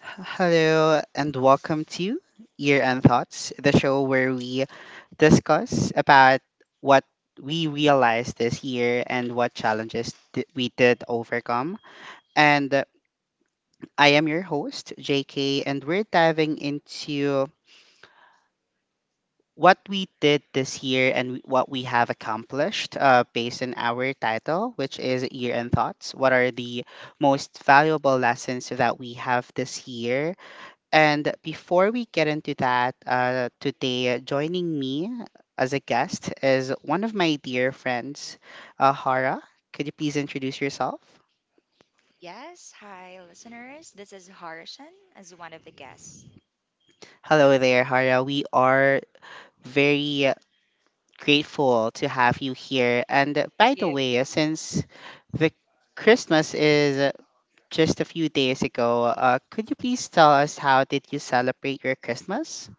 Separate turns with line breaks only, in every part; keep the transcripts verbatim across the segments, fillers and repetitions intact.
Hello and welcome to Year End Thoughts, the show where we discuss about what we realized this year and what challenges th- we did overcome. And uh, I am your host, J K, and we're diving into what we did this year and what we have accomplished uh, based on our title, which is Year End Thoughts. What are the most valuable lessons that we have this year? And before we get into that, uh, today joining me as a guest is one of my dear friends, uh, Hara. Could you please introduce yourself?
Yes, hi listeners. This is Harshan as one of the guests.
Hello there, Hara. We are very grateful to have you here. And by the
You.
way, uh, since the Christmas is uh, just a few days ago, uh, could you please tell us how did you celebrate your Christmas?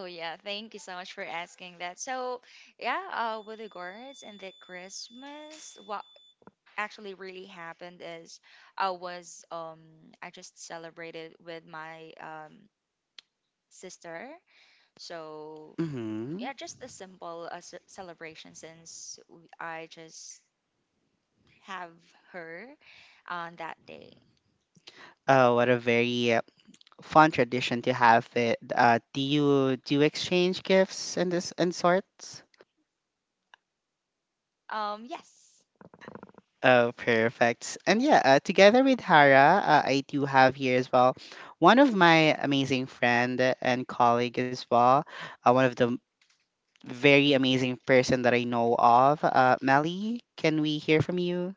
Oh yeah, thank you so much for asking that. So yeah, uh, with regards and the Christmas, what actually really happened is I was um I just celebrated with my um sister. So
Mm-hmm.
yeah, just a simple uh, ce- celebration since w- I just have her on that day.
Oh, what a very uh, fun tradition to have it. Uh, do you do you exchange gifts and this and sorts?
Um yes.
Oh, perfect. And yeah, uh, together with Hara, uh, I do have here as well one of my amazing friend and colleague as well. Uh, one of the very amazing person that I know of. Uh, Melly, can we hear from you?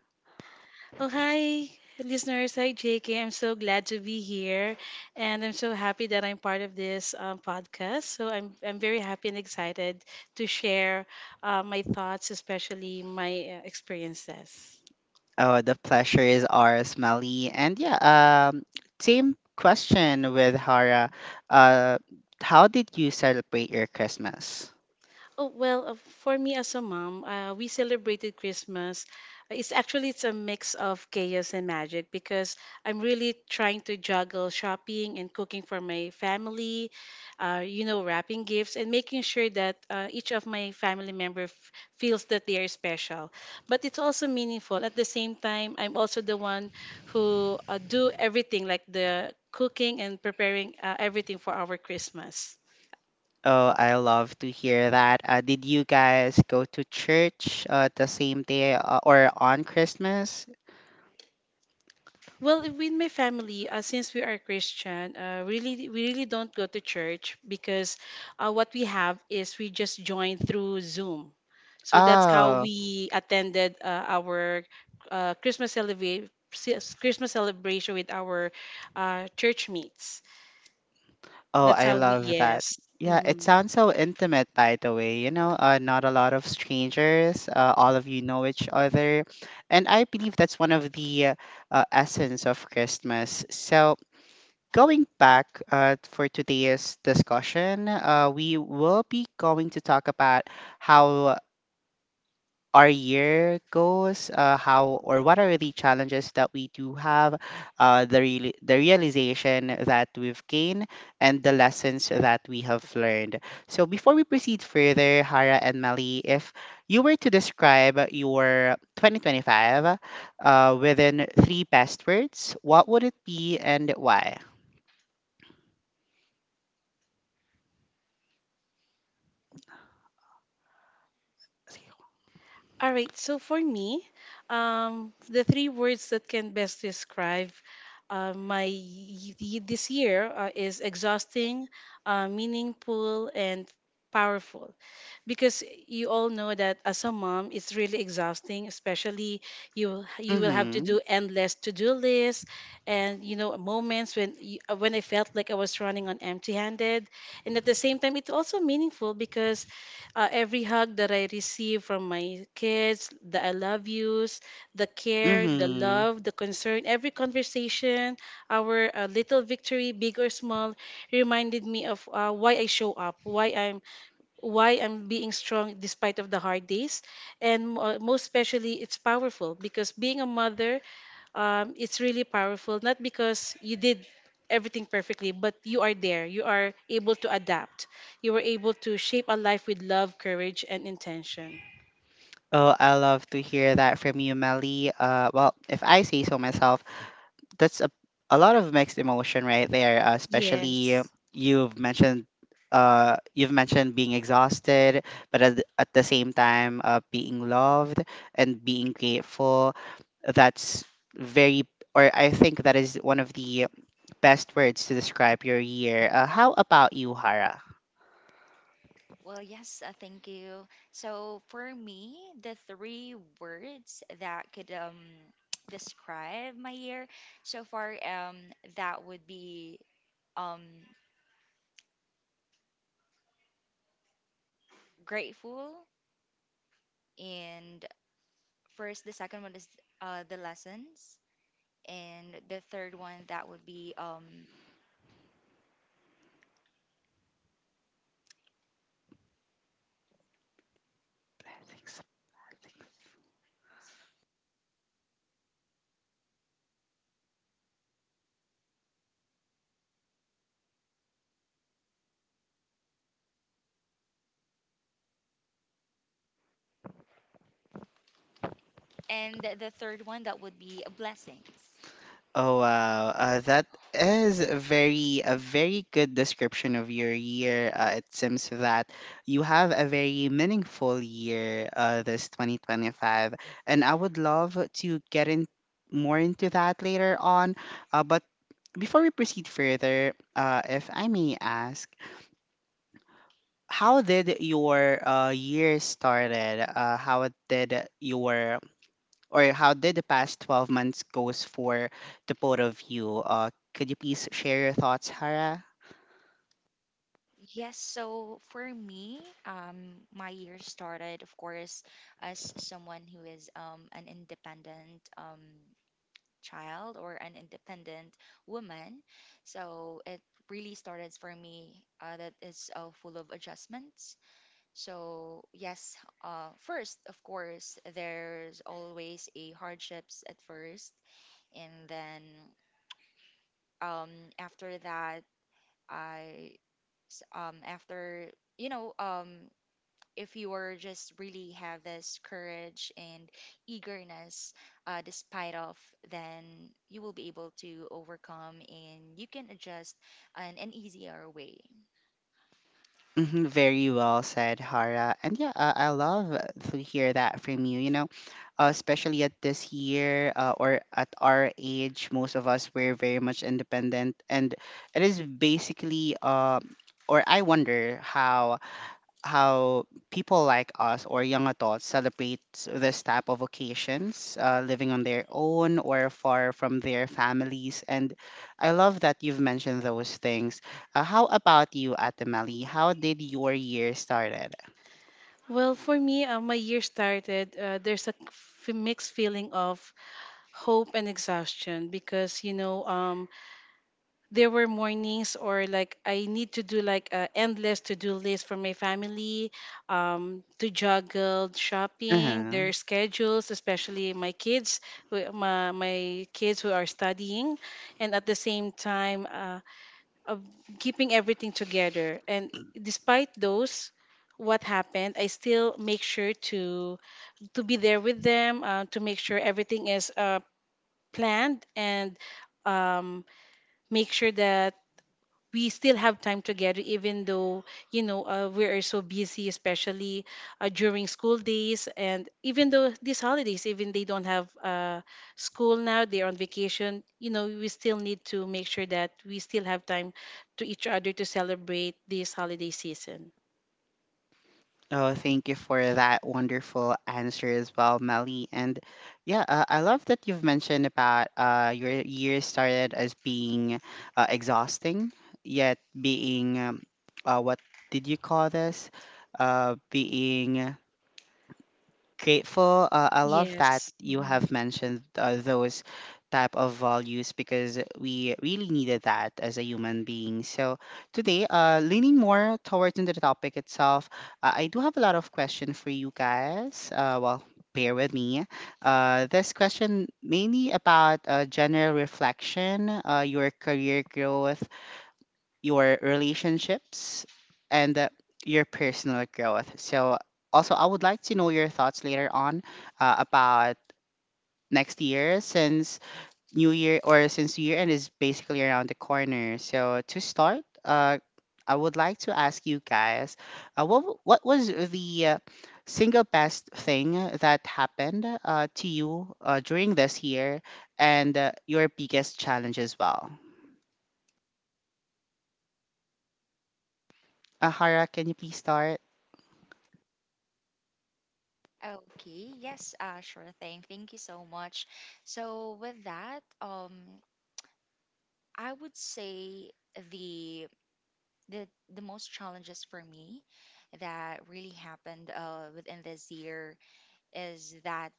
Oh, hi, listeners. Hi, J K. I'm so glad to be here. And I'm so happy that I'm part of this um, podcast. So I'm, I'm very happy and excited to share uh, my thoughts, especially my uh, experiences.
Oh, the pleasure is ours, Melly. And yeah, um, same question with Hara. Uh, how did you celebrate your Christmas?
Oh well, uh, for me as a mom, uh, we celebrated Christmas. It's actually it's a mix of chaos and magic because I'm really trying to juggle shopping and cooking for my family, uh, you know, wrapping gifts and making sure that uh, each of my family member f- feels that they are special. But it's also meaningful. At the same time, I'm also the one who uh, do everything like the cooking and preparing uh, everything for our Christmas.
Oh, I love to hear that. Uh, did you guys go to church uh, the same day uh, or on Christmas?
Well, with my family, uh, since we are Christian, uh, really we really don't go to church because uh, what we have is we just join through Zoom. So that's how
Oh,
we attended uh, our uh, Christmas celebration Christmas celebration with our uh, church mates.
oh,
That's
I
how we,
love that.
yes.
Yeah, it
hmm
sounds so intimate, by the way. You know, uh, not a lot of strangers. Uh, all of you know each other, and I believe that's one of the uh, uh, essence of Christmas. So. Going back uh, for today's discussion, uh, we will be going to talk about how our year goes, uh, how or what are the challenges that we do have, uh, the reali- the realization that we've gained, and the lessons that we have learned. So before we proceed further, Hara and Mali, if you were to describe your twenty twenty-five uh, within three best words, what would it be and why?
All right, so for me, um, the three words that can best describe uh, my y- y- this year uh, is exhausting, uh, meaningful, and powerful. Because you all know that as a mom, it's really exhausting. Especially you you will have to
Mm-hmm.
do endless to do lists, and you know moments when you, when I felt like I was running on empty handed, and at the same time, it's also meaningful because uh, every hug that I receive from my kids, the I love yous, the care, the
Mm-hmm.
love, the concern, every conversation, our uh, little victory, big or small, reminded me of uh, why I show up, why I'm why I'm being strong despite of the hard days, and uh, most especially, it's powerful because being a mother, um, it's really powerful not because you did everything perfectly, but you are there, you are able to adapt, you were able to shape a life with love, courage and intention.
Oh, I love to hear that from you, Melly. Uh, well, if I say so myself, that's a, a lot of mixed emotion right there uh, especially uh,
Yes.
you've mentioned uh, you've mentioned being exhausted but at, the- at the same time uh, being loved and being grateful. That's very, or I think that is one of the best words to describe your year. Uh, how about you, Hara?
Well, yes, uh, thank you. So for me, the three words that could um describe my year so far um that would be um grateful, and first the second one is uh the lessons, and the third one that would be um and the the third one that would be blessings.
Oh wow, uh, that is a very, a very good description of your year. Uh, it seems that you have a very meaningful year, uh, this twenty twenty-five, and I would love to get in more into that later on. Uh, but before we proceed further, uh, if I may ask, how did your uh, year started? Uh, how did your or how did the past twelve months goes for the both of you? Uh, could you please share your thoughts, Hara?
Yes, so for me, um, my year started, of course, as someone who is um, an independent um, child, or an independent woman. So it really started for me uh, that is uh, full of adjustments. So yes, uh, first, of course, there's always a hardships at first, and then um, after that, I s- um, after you know um if you are just really have this courage and eagerness uh, despite of, then you will be able to overcome and you can adjust in an easier way.
Hmm, very well said, Hara. And yeah, uh, I love to hear that from you. You know, uh, especially at this year uh, or at our age, most of us were very much independent, and it is basically uh, or I wonder how how people like us or young adults celebrate this type of occasions, uh, living on their own or far from their families. And I love that you've mentioned those things. Uh, how about you, Atamali? How did your year started?
Well for me, uh, my year started, uh, there's a f- mixed feeling of hope and exhaustion because you know, um, there were mornings or like I need to do like a endless to-do list for my family, um, to juggle shopping,
Uh-huh.
their schedules, especially my kids, who, my, my kids who are studying, and at the same time, uh, of keeping everything together. And despite those, what happened, I still make sure to to be there with them, uh, to make sure everything is uh, planned, and um, make sure that we still have time together even though you know, uh, we are so busy, especially uh, during school days, and even though these holidays, even they don't have uh, school now, they're on vacation, you know we still need to make sure that we still have time to each other to celebrate this holiday season.
Oh, thank you for that wonderful answer as well, Melly. And yeah, uh, I love that you've mentioned about uh, your year started as being uh, exhausting, yet being um, uh, what did you call this? Uh, being grateful. Uh, I love that
Yes.
you
Mhm.
have mentioned uh, those type of values because we really needed that as a human being. So today uh leaning more towards into the topic itself, uh, I do have a lot of question for you guys. Uh well, bear with me. Uh this question mainly about uh, general reflection, uh, your career growth, your relationships, and uh, your personal growth. So, also, I would like to know your thoughts later on uh, about next year since New Year or since year end is basically around the corner. So, to start, uh, I would like to ask you guys uh, what, w- what was the uh, single best thing that happened uh, to you uh, during this year and uh, your biggest challenge as well? Ahara, can you please start?
Okay, yes, uh, sure thing, thank you so much. So with that um I would say the the, the most challenges for me that really happened uh, within this year is that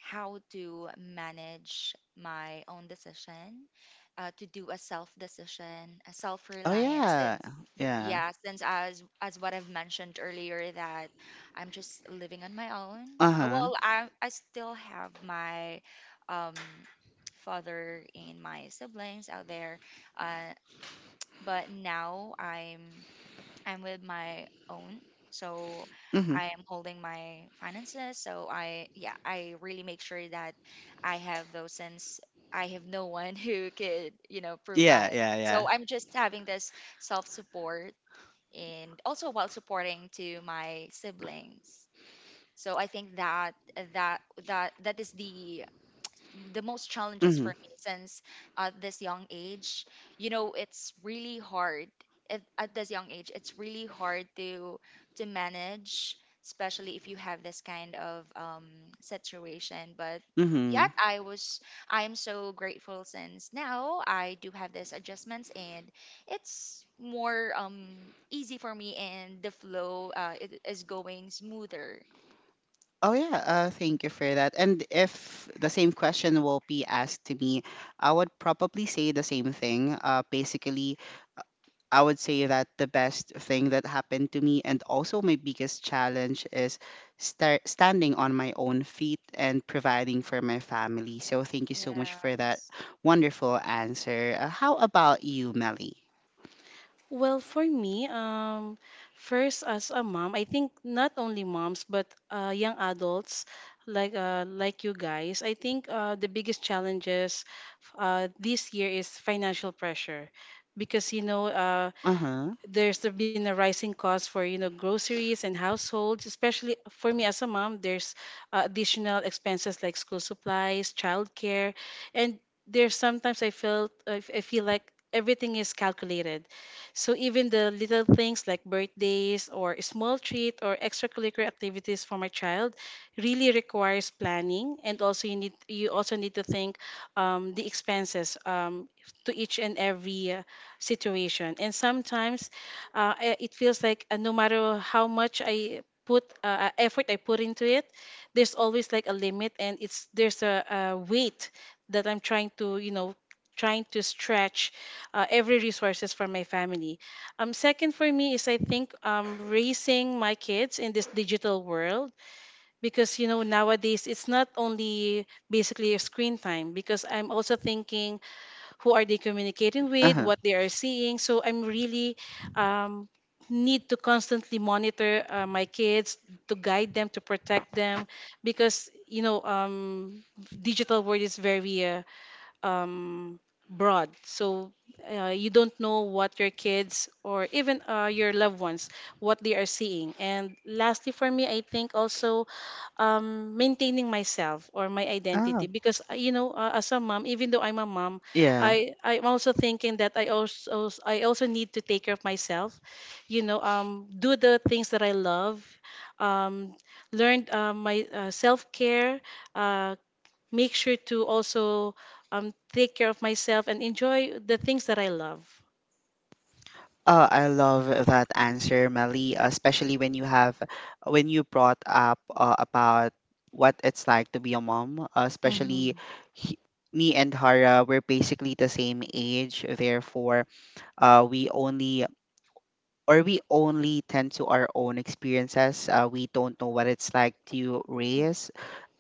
how to manage my own decision, uh, to do a self decision, a self
Oh
reliance.
yeah,
Since,
yeah.
yeah, since as as what I've mentioned earlier, that I'm just living on my own.
Uh
Uh,
huh.
Well, I I still have my um father and my siblings out there, uh, but now I'm I'm with my own. So
Mhm.
I am holding my finances. So I, yeah, I really make sure that I have those, since I have no one who could, you know,
Yeah,
provide.
yeah, yeah.
So I'm just having this self support and also while supporting to my siblings. So I think that that that that is the the most challenges
Mhm.
for me, since at this young age, you know it's really hard. At, at this young age it's really hard to to manage, especially if you have this kind of um, situation, but yet
Mhm.
i was I am so grateful, since now I do have these adjustments and it's more um, easy for me, and the flow, uh, it is going smoother.
Oh yeah. Uh, thank you for that. And if the same question will be asked to me, I would probably say the same thing. Uh, basically, I would say that the best thing that happened to me and also my biggest challenge is start standing on my own feet and providing for my family. So thank you so much for that
Yes.
wonderful answer. Uh, how about you, Melly?
Well, for me, um, first as a mom, I think not only moms but uh, young adults like uh, like you guys, I think uh, the biggest challenges uh, this year is financial pressure because you know, uh,
Uh huh.
there's the- been a rising cost for you know groceries and households, especially for me as a mom, there's uh, additional expenses like school supplies, childcare, and there's sometimes i felt i f- I feel like everything is calculated. So even the little things like birthdays or a small treat or extracurricular activities for my child really requires planning, and also you need you also need to think um, the expenses, um, to each and every uh, situation. And sometimes uh, I- it feels like uh, no matter how much I put uh, uh, effort I put into it, there's always like a limit, and it's there's a, a weight that I'm trying to, you know, trying to stretch uh, every resources for my family. Um, second for me is I think, um, raising my kids in this digital world, because you know nowadays it's not only basically a screen time, because I'm also thinking who are they communicating
Uh
with,
huh.
what they are seeing. So I'm really, um, need to constantly monitor uh, my kids, to guide them, to protect them, because you know, um, digital world is very uh, um, broad. So uh, you don't know what your kids or even uh, your loved ones what they are seeing. And lastly, for me, I think also, um, maintaining myself or my identity,
Oh,
because uh, you know, uh, as a mom, even though I'm a mom,
yeah.
I I'm also thinking that I also I also need to take care of myself. You know, um, do the things that I love. Um, learned uh, my uh, self care, uh, make sure to also, um, take care of myself and enjoy the things that I love.
Oh, I love that answer, Mali, especially when you have when you brought up uh, about what it's like to be a mom, uh, especially
Mm-hmm.
he, me and Hara, we're basically the same age, therefore, uh, we only or we only tend to our own experiences. Uh, we don't know what it's like to raise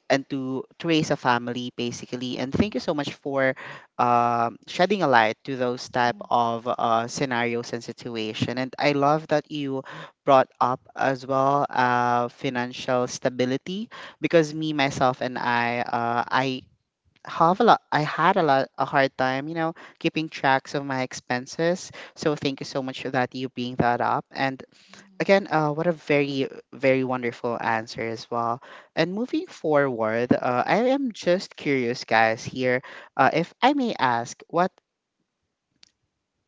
and to, to raise a family basically. And thank you so much for um shedding a light to those type of uh, scenarios and situation. And I love that you brought up as well uh, financial stability because me, myself and I, uh, i have a lot, I had a lot a hard time, you know, keeping tracks of my expenses. So thank you so much for that, you bring that up. And again, uh, what a very, very wonderful answer as well. And moving forward, uh, I am just curious, guys, here, uh, if I may ask, what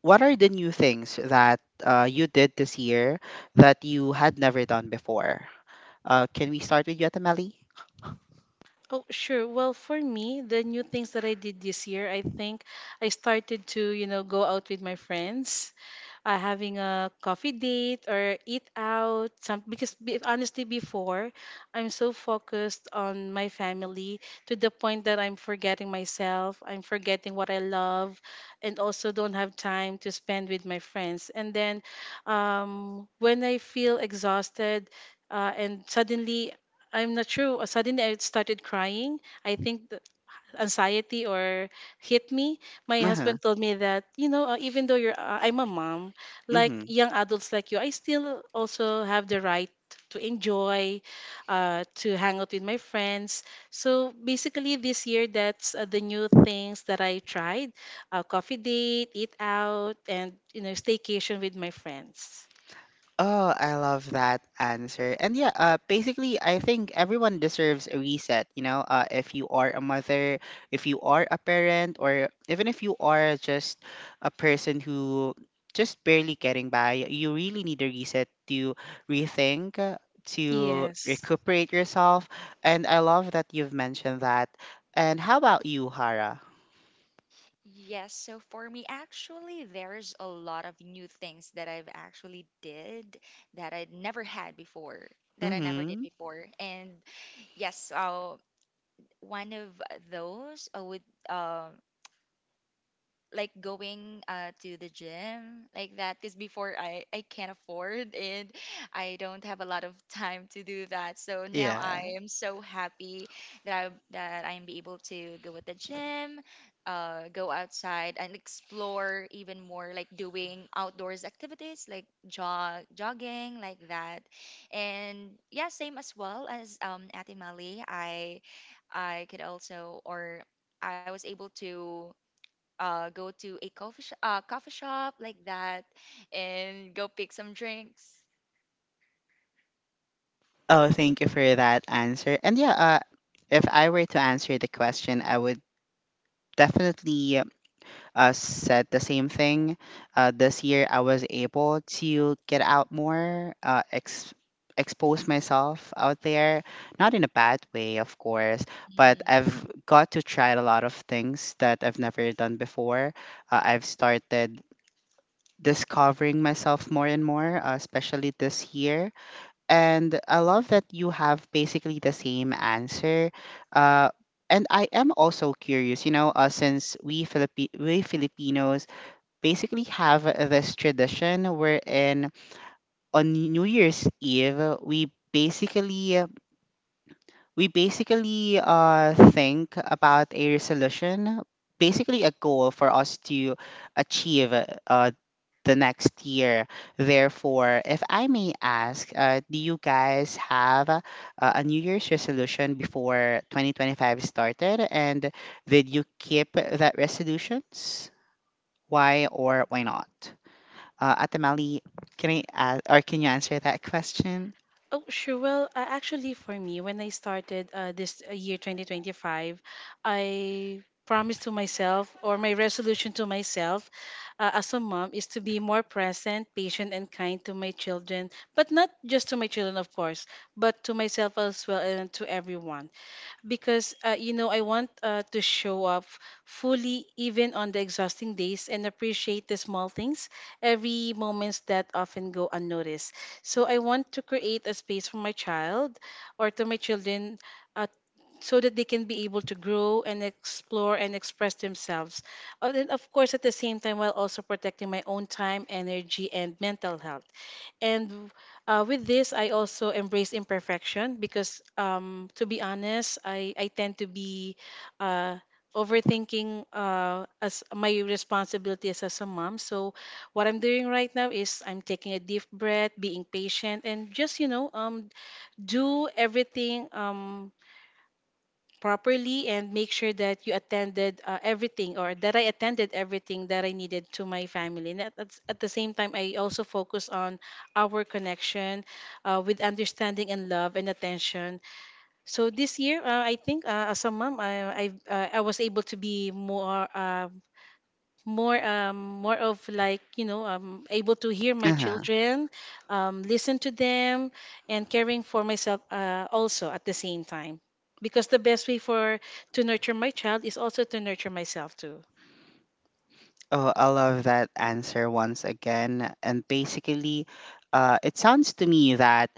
what are the new things that uh, you did this year that you had never done before? Uh, can we start with you, Atameli?
Oh, sure. Well, for me, the new things that I did this year, I think I started to, you know, go out with my friends, uh, having a coffee date or eat out. Some, because be, honestly, before, I'm so focused on my family to the point that I'm forgetting myself, I'm forgetting what I love, and also don't have time to spend with my friends. And then, um, when I feel exhausted, uh, and suddenly I'm not sure. uh, Suddenly, I started crying. I think the anxiety or hit me. My
Uh-huh.
husband told me that, you know, uh, even though you're, uh, I'm a mom, like young adults like you, I still also have the right to enjoy, uh, to hang out with my friends. So basically, this year, that's uh, the new things that I tried: uh, coffee date, eat out, and you know, staycation with my friends.
Oh, I love that answer. And yeah, uh, basically, I think everyone deserves a reset. You know, uh, if you are a mother, if you are a parent, or even if you are just a person who just barely getting by, you really need a reset to rethink, uh, to
Yes.
recuperate yourself. And I love that you've mentioned that. And how about you, Hara?
Yes, so for me, actually, there's a lot of new things that I've actually did that I never had before, that I never did
Mm-hmm.
before. And yes, uh, one of those uh, would um like going uh, to the gym like that, because before, I, I can't afford it. I don't have a lot of time to do that. So now
Yeah.
I am so happy that I, that I'm be able to go at the gym, uh, go outside and explore even more, like doing outdoors activities like jog jogging like that. And yeah, same as well as um, Ate Mali, I I could also, or I was able to uh, go to a coffee sh- uh, coffee shop like that and go pick some drinks.
Oh, thank you for that answer. And yeah, uh, if I were to answer the question, I would definitely uh, said the same thing. Uh, this year, I was able to get out more, uh, ex- expose myself out there. Not in a bad way, of course, but
Mhm.
I've got to try a lot of things that I've never done before. Uh, I've started discovering myself more and more, uh, especially this year, and I love that you have basically the same answer. Uh, and I am also curious, you know, uh, since we Philippi- we Filipinos basically have this tradition wherein on New Year's Eve we basically we basically uh, think about a resolution, basically a goal for us to achieve uh, the next year. Therefore, if I may ask, uh, do you guys have uh, a New Year's resolution before twenty twenty-five started? And did you keep that resolutions? Why or why not? Uh, Atamali, can I ask, or can you answer that question?
Oh, sure. Well, uh, actually, for me, when I started uh, this uh, year twenty twenty-five, I promised to myself, or my resolution to myself, uh, as a mom, is to be more present, patient, and kind to my children, but not just to my children, of course, but to myself as well and to everyone, because uh, you know I want uh, to show up fully even on the exhausting days and appreciate the small things, every moments that often go unnoticed. So I want to create a space for my child or to my children, uh, so that they can be able to grow and explore and express themselves. Uh, And of course at the same time while also protecting my own time, energy and mental health, and uh, with this I also embrace imperfection because, um, to be honest, i, I tend to be uh, overthinking uh, as my responsibility as, as a mom. So what I'm doing right now is I'm taking a deep breath, being patient, and just you know, um, do everything, um, properly and make sure that you attended uh, everything, or that I attended everything that I needed to my family. And at, at at the same time, I also focus on our connection, uh, with understanding and love and attention. So this year, uh, I think uh, as a mom, I, I, uh, I was able to be more. Uh, more um More of like, you know, I able to hear my
Uh-huh.
children, um listen to them, and caring for myself, uh, also at the same time, because the best way for to nurture my child is also to nurture myself too.
Oh, I love that answer once again. And basically, uh, it sounds to me that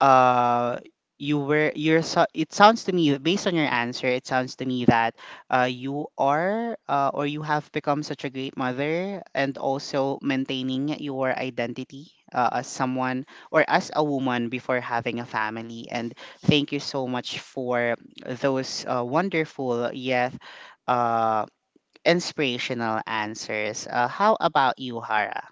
uh you were you're, so it sounds to me based on your answer, it sounds to me that uh you are uh, or you have become such a great mother and also maintaining your identity uh, as someone or as a woman before having a family. And thank you so much for those uh, wonderful yet uh inspirational answers. Uh, how about you, Hara?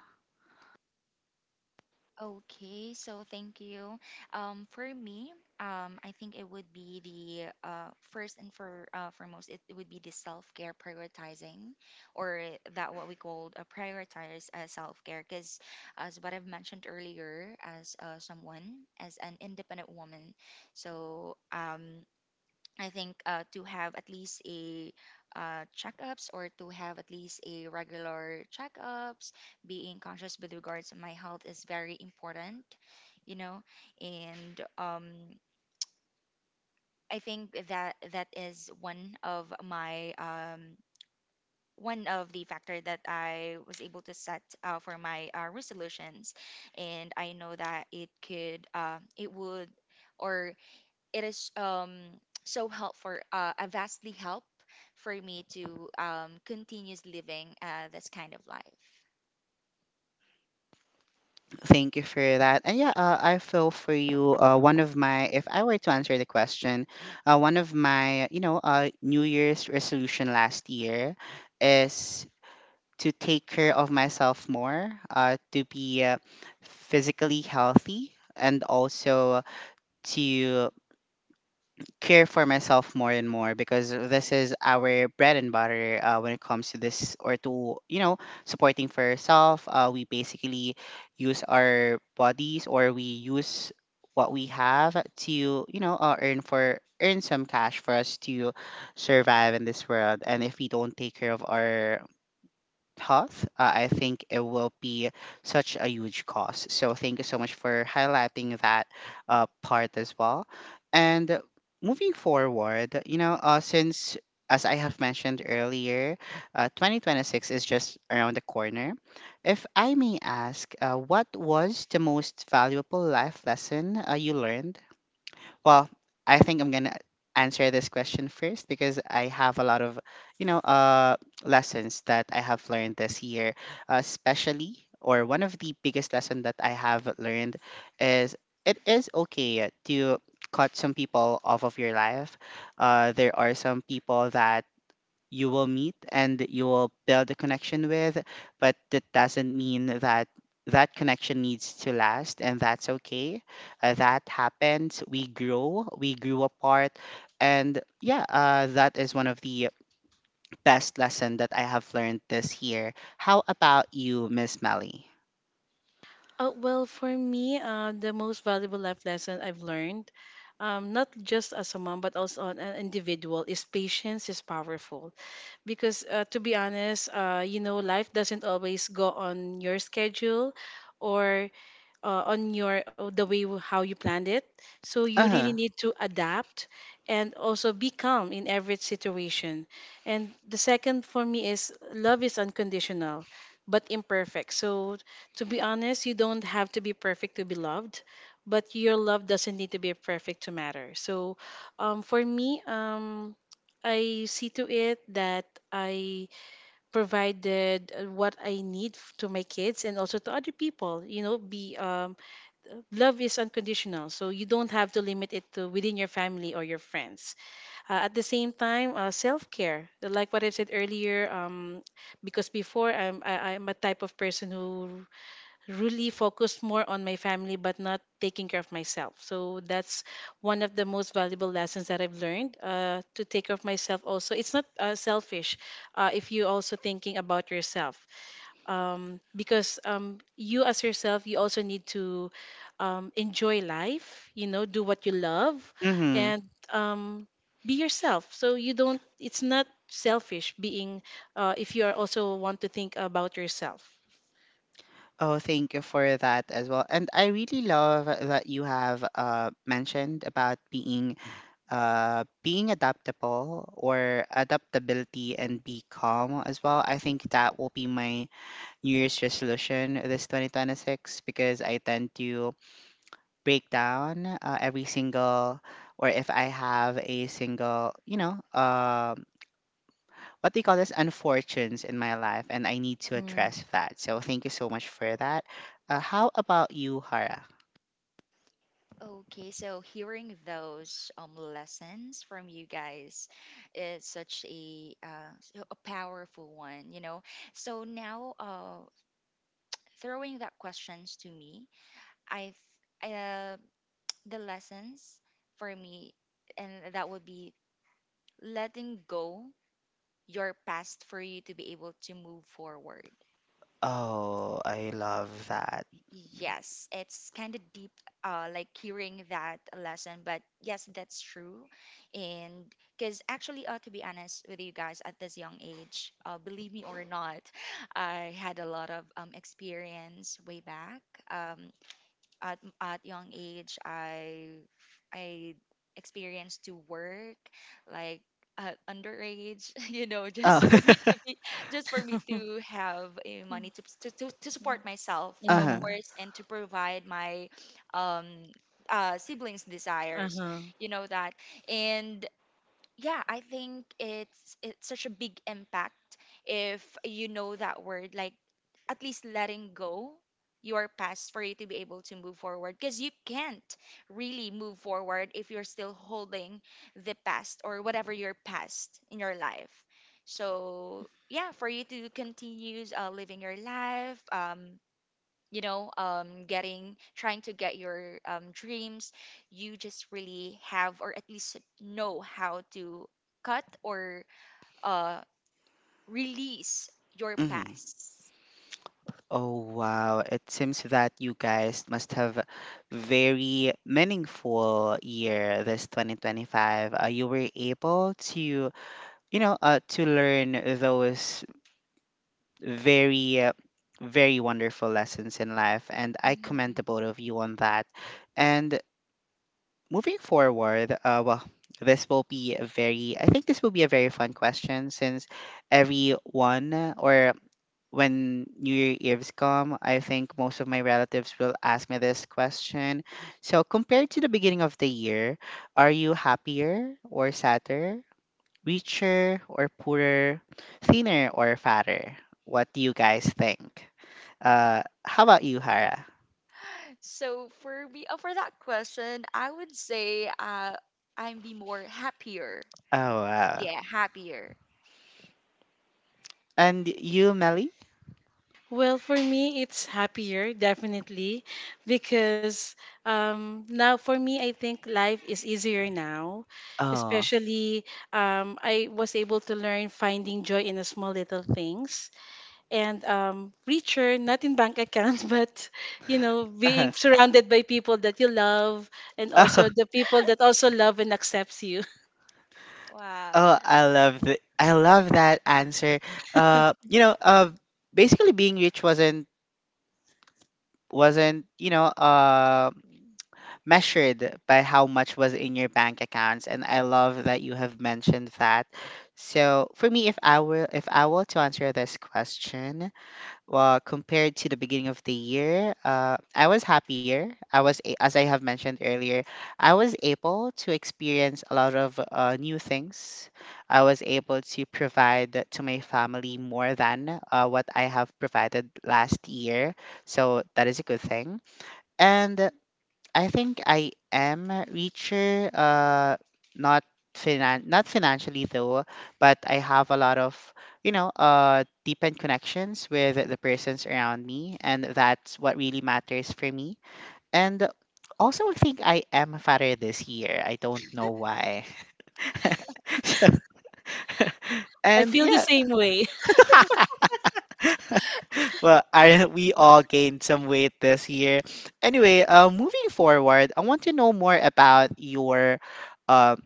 Okay, so thank you. Um, for me, um, I think it would be the uh, first and for uh, foremost, it would be the self-care prioritizing, or that what we called a prioritize uh, self-care. Because as what I've mentioned earlier, as uh, someone, as an independent woman, so um, I think uh, to have at least a uh, checkups, or to have at least a regular checkups. Being conscious with regards to my health is very important, you know, and um, I think that that is one of my um, one of the factor that I was able to set uh, for my uh, resolutions. And I know that it could uh, it would. Or it is um so help for uh a vastly help for me to um continues living uh this kind of life.
Thank you for that. And yeah, uh, I feel for you. Uh, one of my, if I were to answer the question, uh, one of my, you know, uh, New Year's resolution last year is to take care of myself more, uh, to be uh, physically healthy, and also to care for myself more and more because this is our bread and butter uh, when it comes to this or to, you know, supporting for yourself. Uh, we basically use our bodies or we use what we have to, you know, uh, earn for earn some cash for us to survive in this world. And if we don't take care of our health, uh, I think it will be such a huge cost. So thank you so much for highlighting that uh, part as well. And moving forward, you know, uh, since as I have mentioned earlier, uh, twenty twenty-six is just around the corner. If I may ask, uh, what was the most valuable life lesson uh, you learned? Well, I think I'm gonna answer this question first because I have a lot of, you know, uh, lessons that I have learned this year, uh, especially or one of the biggest lesson that I have learned is it is okay to cut some people off of your life. Uh, there are some people that you will meet and you will build a connection with, but that doesn't mean that that connection needs to last, and that's okay. Uh, that happens. We grow, we grew apart, and yeah, uh, that is one of the best lesson that I have learned this year. How about you, Miss Melly?
Uh, well, for me, uh, the most valuable life lesson I've learned, um, not just as a mom, but also on an individual, is patience is powerful. Because uh, to be honest, uh, you know, life doesn't always go on your schedule, or uh, on your uh, the way w- how you planned it. So you
Uh
really
huh.
need to adapt and also be calm in every situation. And the second for me is love is unconditional but imperfect. So to be honest, you don't have to be perfect to be loved, but your love doesn't need to be perfect to matter. So, um, for me, um, I see to it that I provided uh, what I need f- to my kids and also to other people. You know, be, um, love is unconditional, so you don't have to limit it to within your family or your friends. Uh, at the same time, uh, self care, like what I said earlier, um, because before I'm I, I'm a type of person who really focused more on my family but not taking care of myself. So that's one of the most valuable lessons that I've learned, uh, to take care of myself. Also, it's not uh, selfish uh, if you also thinking about yourself, um, because um, you as yourself you also need to, um, enjoy life. You know, do what you love
Mm-hmm.
and, um, be yourself. So you don't. It's not selfish being uh, if you are also want to think about yourself.
Oh, thank you for that as well. And I really love that you have uh, mentioned about being uh, being adaptable or adaptability and be calm as well. I think that will be my New Year's resolution this twenty twenty-six because I tend to break down uh, every single, or if I have a single, you know, um what do you call this, unfortunes in my life, and I need to
Hmm.
address that. So thank you so much for that. Uh, how about you, Hara?
Okay, so hearing those um lessons from you guys is such a uh so a powerful one, you know. So now uh throwing that questions to me, I th- uh the lessons for me, and that would be letting go your past for you to be able to move forward.
Oh, I love that.
Yes, it's kind of deep, uh, like hearing that lesson. But yes, that's true. And because actually, uh, to be honest with you guys, at this young age, uh, believe me or not, I had a lot of um, experience way back. Um, at at young age, i i experienced to work like, uh, underage, you know
Oh,
just for me to be just for me to have a money to, to to to support myself, of
uh-huh.
Mm-hmm.
course, and to provide my um uh siblings desires,
Uh-huh.
you know that. And yeah, I think it's it's such a big impact if you know that word, like at least letting go your past for you to be able to move forward, because you can't really move forward if you're still holding the past or whatever your past in your life. So yeah, for you to continue uh, living your life, um, you know um getting trying to get your um dreams, you just really have, or at least know how to cut or uh release your
Mm-hmm.
past.
Oh wow, it seems that you guys must have very meaningful year this twenty twenty-five. Uh, you were able to, you know, uh, to learn those very uh, very wonderful lessons in life, and I commend
Mhm.
the both of you on that. And moving forward, uh well, this will be a very I think this will be a very fun question since everyone or when New Year Eves come, I think most of my relatives will ask me this question. So, compared to the beginning of the year, are you happier or sadder, richer or poorer, thinner or fatter? What do you guys think? Uh, how about you, Hara?
So for me, uh, for that question, i would say uh I would be more happier.
Oh, wow.
Yeah, happier.
And you, Melly?
Well, for me, it's happier, definitely, because um, now for me, I think life is easier now.
Oh.
Especially, um, I was able to learn finding joy in the small little things, and um, richer, not in bank accounts, but you know, being surrounded by people that you love, and also
Oh,
the people that also love and accepts you.
oh,
Wow.
I love the, I love that answer. Uh, you know, uh, basically being rich wasn't wasn't you know uh, measured by how much was in your bank accounts, and I love that you have mentioned that. So for me, if i were if I were to answer this question, well, compared to the beginning of the year, uh, I was happier. I was a- as I have mentioned earlier, I was able to experience a lot of uh, new things. I was able to provide to my family more than uh, what I have provided last year. So that is a good thing. And uh, I think I am richer, uh, not finan not financially though, but I have a lot of, you know, uh, deepened connections with the persons around me, and that's what really matters for me. And also, I think I am fatter this year. I don't know why. So,
I
And
feel the
yeah,
same way.
well, I we all gained some weight this year. Anyway, uh, moving forward, I want to know more about your um.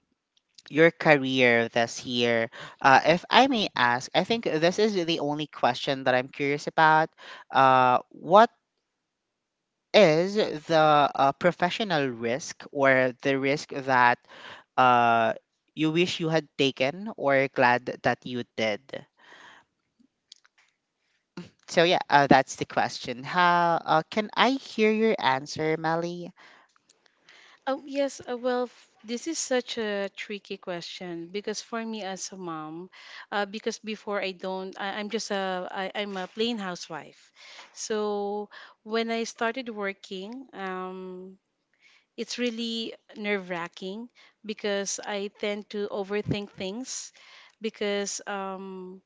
your career this year. Uh, if I may ask, I think this is the only question that I'm curious about. Uh, what is the uh, professional risk or the risk that uh, you wish you had taken or glad that you did? So yeah, uh, that's the question. How uh, can I hear your answer, Melly?
Oh, yes. Uh, well, f- this is such a tricky question, because for me as a mom, uh, because before I don't, I, I'm just a, I, I'm a plain housewife. So when I started working, um, it's really nerve wracking, because I tend to overthink things, because um,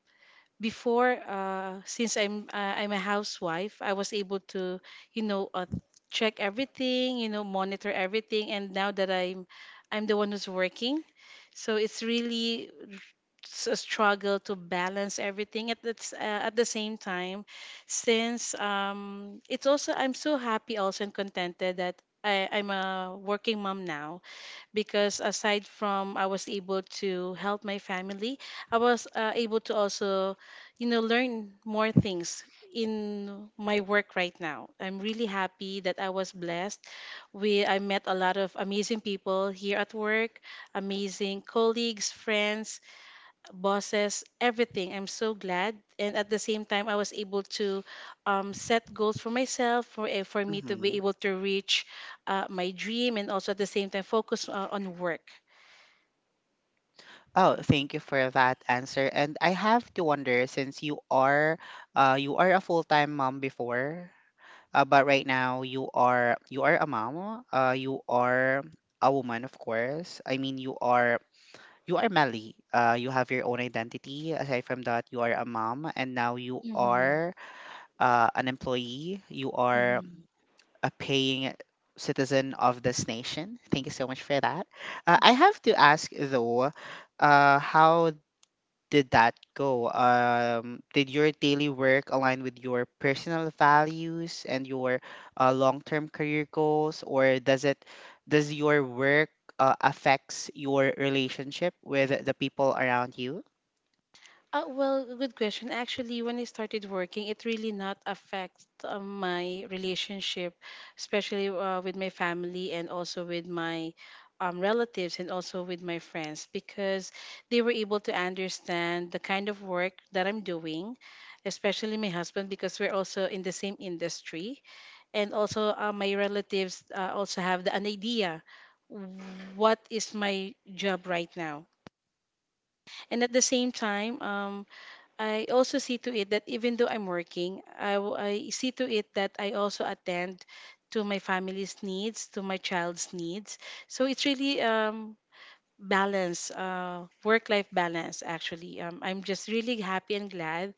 before uh since i'm uh, I'm a housewife, I was able to, you know uh, check everything, you know monitor everything, and now that i'm i'm the one who's working, so it's really s- a struggle to balance everything at the, s- uh, at the same time, since um it's also, I'm so happy also and contented that I, I'm a working mom now, because aside from I was able to help my family, I was uh, able to also, you know, learn more things in my work right now. I'm really happy that I was blessed. We I met a lot of amazing people here at work, amazing colleagues, friends, bosses, everything. I'm so glad. And at the same time, I was able to um, set goals for myself, for, eh, for me to be
Hmm.
able to reach uh, my dream, and also at the same time, focus uh, on work.
Oh, thank you for that answer. And I have to wonder, since you are, uh, you are a full-time mom before, Uh, but right now you are you are a mom. Uh, you are a woman, of course. I mean, you are you are Melly. Uh, you have your own identity. Aside from that, you are a mom, and now you
Mm-hmm.
are uh, an employee. You are a paying citizen of this nation. Thank you so much for that. Uh, I have to ask though, uh, how did that go? Um, did your daily work align with your personal values and your uh, long-term career goals, or does it does your work uh, affects your relationship with the people around you?
Uh, well, good question. Actually, when I started working, it really not affect uh, my relationship, especially uh, with my family, and also with my um, relatives, and also with my friends, because they were able to understand the kind of work that I'm doing, especially my husband because we're also in the same industry, and also uh, my relatives uh, also have the, an idea what is my job right now, and at the same time um, I also see to it that even though I'm working, I, w- I see to it that I also attend to my family's needs, to my child's needs. So it's really um, balance, uh, work life balance, actually. Um, I'm just really happy and glad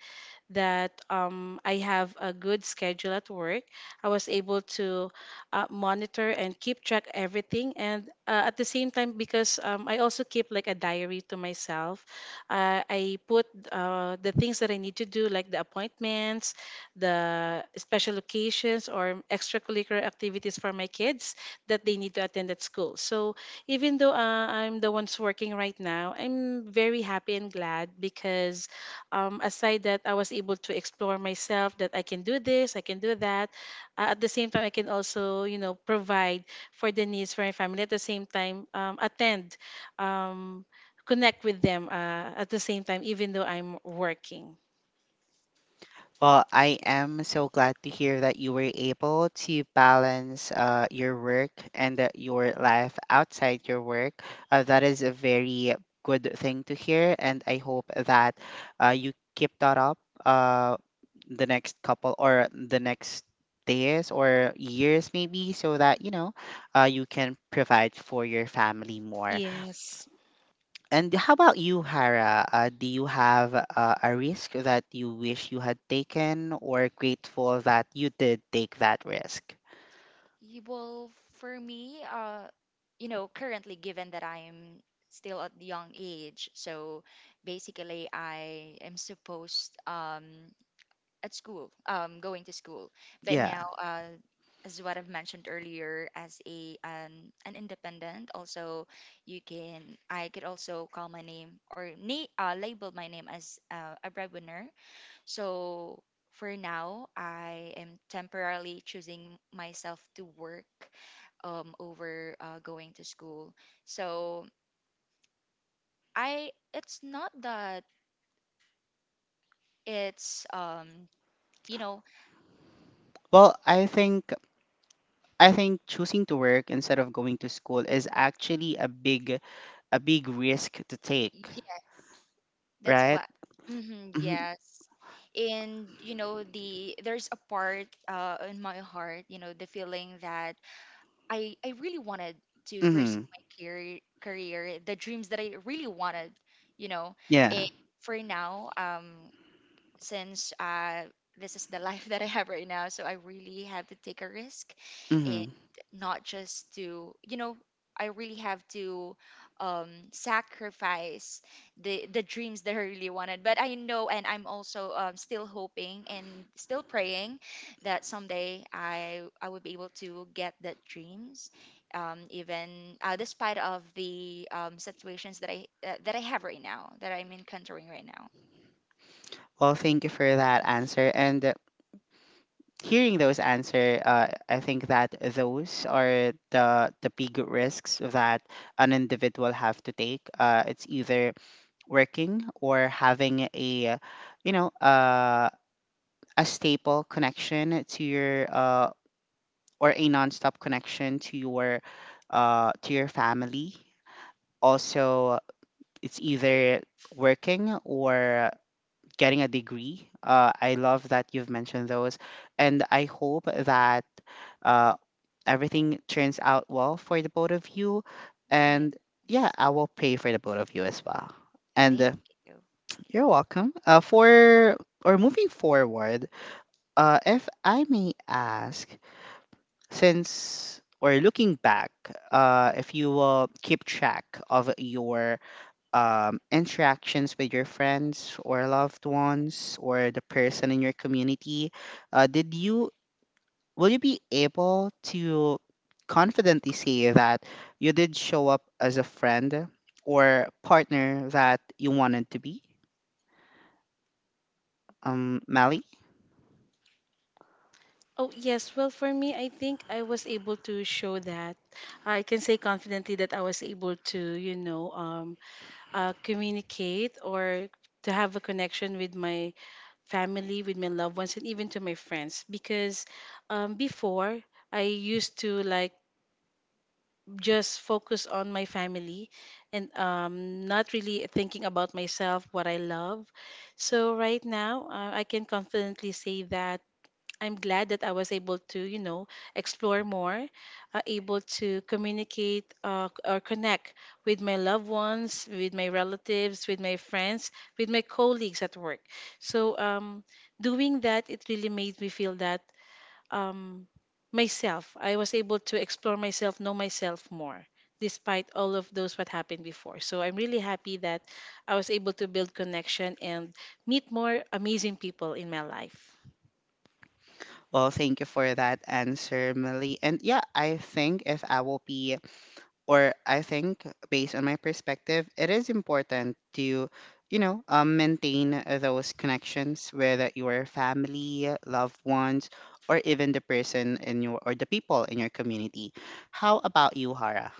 that um, I have a good schedule at work. I was able to uh, monitor and keep track everything, and uh, at the same time, because um, I also keep like a diary to myself, uh, I put uh, the things that I need to do, like the appointments, the special occasions, or extracurricular activities for my kids that they need to attend at school. So even though uh, I'm the ones working right now, I'm very happy and glad because um, aside that I was able to explore myself that I can do this, I can do that. Uh, at the same time, I can also, you know, provide for the needs for my family. At the same time, um, attend, um, connect with them uh, at the same time, even though I'm working.
Well, I am so glad to hear that you were able to balance uh, your work and uh, your life outside your work. Uh, that is a very good thing to hear, and I hope that uh, you keep that up, uh, the next couple or the next days or years, maybe, so that you know uh, you can provide for your family more.
Yes.
And how about you, Hara? Uh, do you have uh, a risk that you wish you had taken or grateful that you did take that risk?
You Well, for me, uh, you know, currently, given that I'm still at the young age, so basically, I am supposed um at school, um, going to school. But
Yeah.
now, uh, as what I've mentioned earlier, as a an an independent, also, you can I could also call my name, or na- uh, label my name as uh, a breadwinner. So for now, I am temporarily choosing myself to work, um, over uh, going to school. So I, it's not that it's um, you know,
Well, I think I think choosing to work instead of going to school is actually a big a big risk to take,
yeah, that's
right?
what. Hmm,
Mm-hmm.
yes. And you know the there's a part uh in my heart, you know, the feeling that I I really wanted to pursue
Hmm.
my career career the dreams that I really wanted, you know.
Yeah.
And for now, um, since uh, this is the life that I have right now. So I really have to take a risk, and
Hmm.
not just to, you know, I really have to um, sacrifice the the dreams that I really wanted. But I know, and I'm also um, still hoping and still praying that someday I I would be able to get that dreams. Um, even uh, despite of the um, situations that I uh, that I have right now, that I'm encountering right now.
Well, thank you for that answer. And hearing those answer, uh, I think that those are the the big risks that an individual have to take. Uh, it's either working or having a, you know, uh, a stable connection to your uh, or a nonstop connection to your uh, to your family. Also, it's either working or getting a degree. Uh, I love that you've mentioned those, and I hope that uh, everything turns out well for the both of you. And yeah,
Yes.
I will pay for the both of you as well. And
Thank
uh,
you.
you're welcome. Uh, for or moving forward, uh, if I may ask, since or looking back, uh, if you will keep track of your um, interactions with your friends or loved ones or the person in your community, uh, did you will you be able to confidently say that you did show up as a friend or partner that you wanted to be? Um, Mally?
Oh, yes. Well, for me, I think I was able to show that. I can say confidently that I was able to, you know, um, uh, communicate, or to have a connection with my family, with my loved ones, and even to my friends. Because um, before, I used to like just focus on my family, and um, not really thinking about myself, what I love. So right now, uh, I can confidently say that I'm glad that I was able to, you know, explore more, uh, able to communicate uh, c- or connect with my loved ones, with my relatives, with my friends, with my colleagues at work. So, um, doing that, it really made me feel that um, myself, I was able to explore myself, know myself more, despite all of those what happened before. So, I'm really happy that I was able to build connection and meet more amazing people in my life.
Well, thank you for that answer, Mally. And yeah, I think if I will be, or I think based on my perspective, it is important to, you know, um, maintain those connections with your family, loved ones, or even the person in your, or the people in your community. How about you, Hara?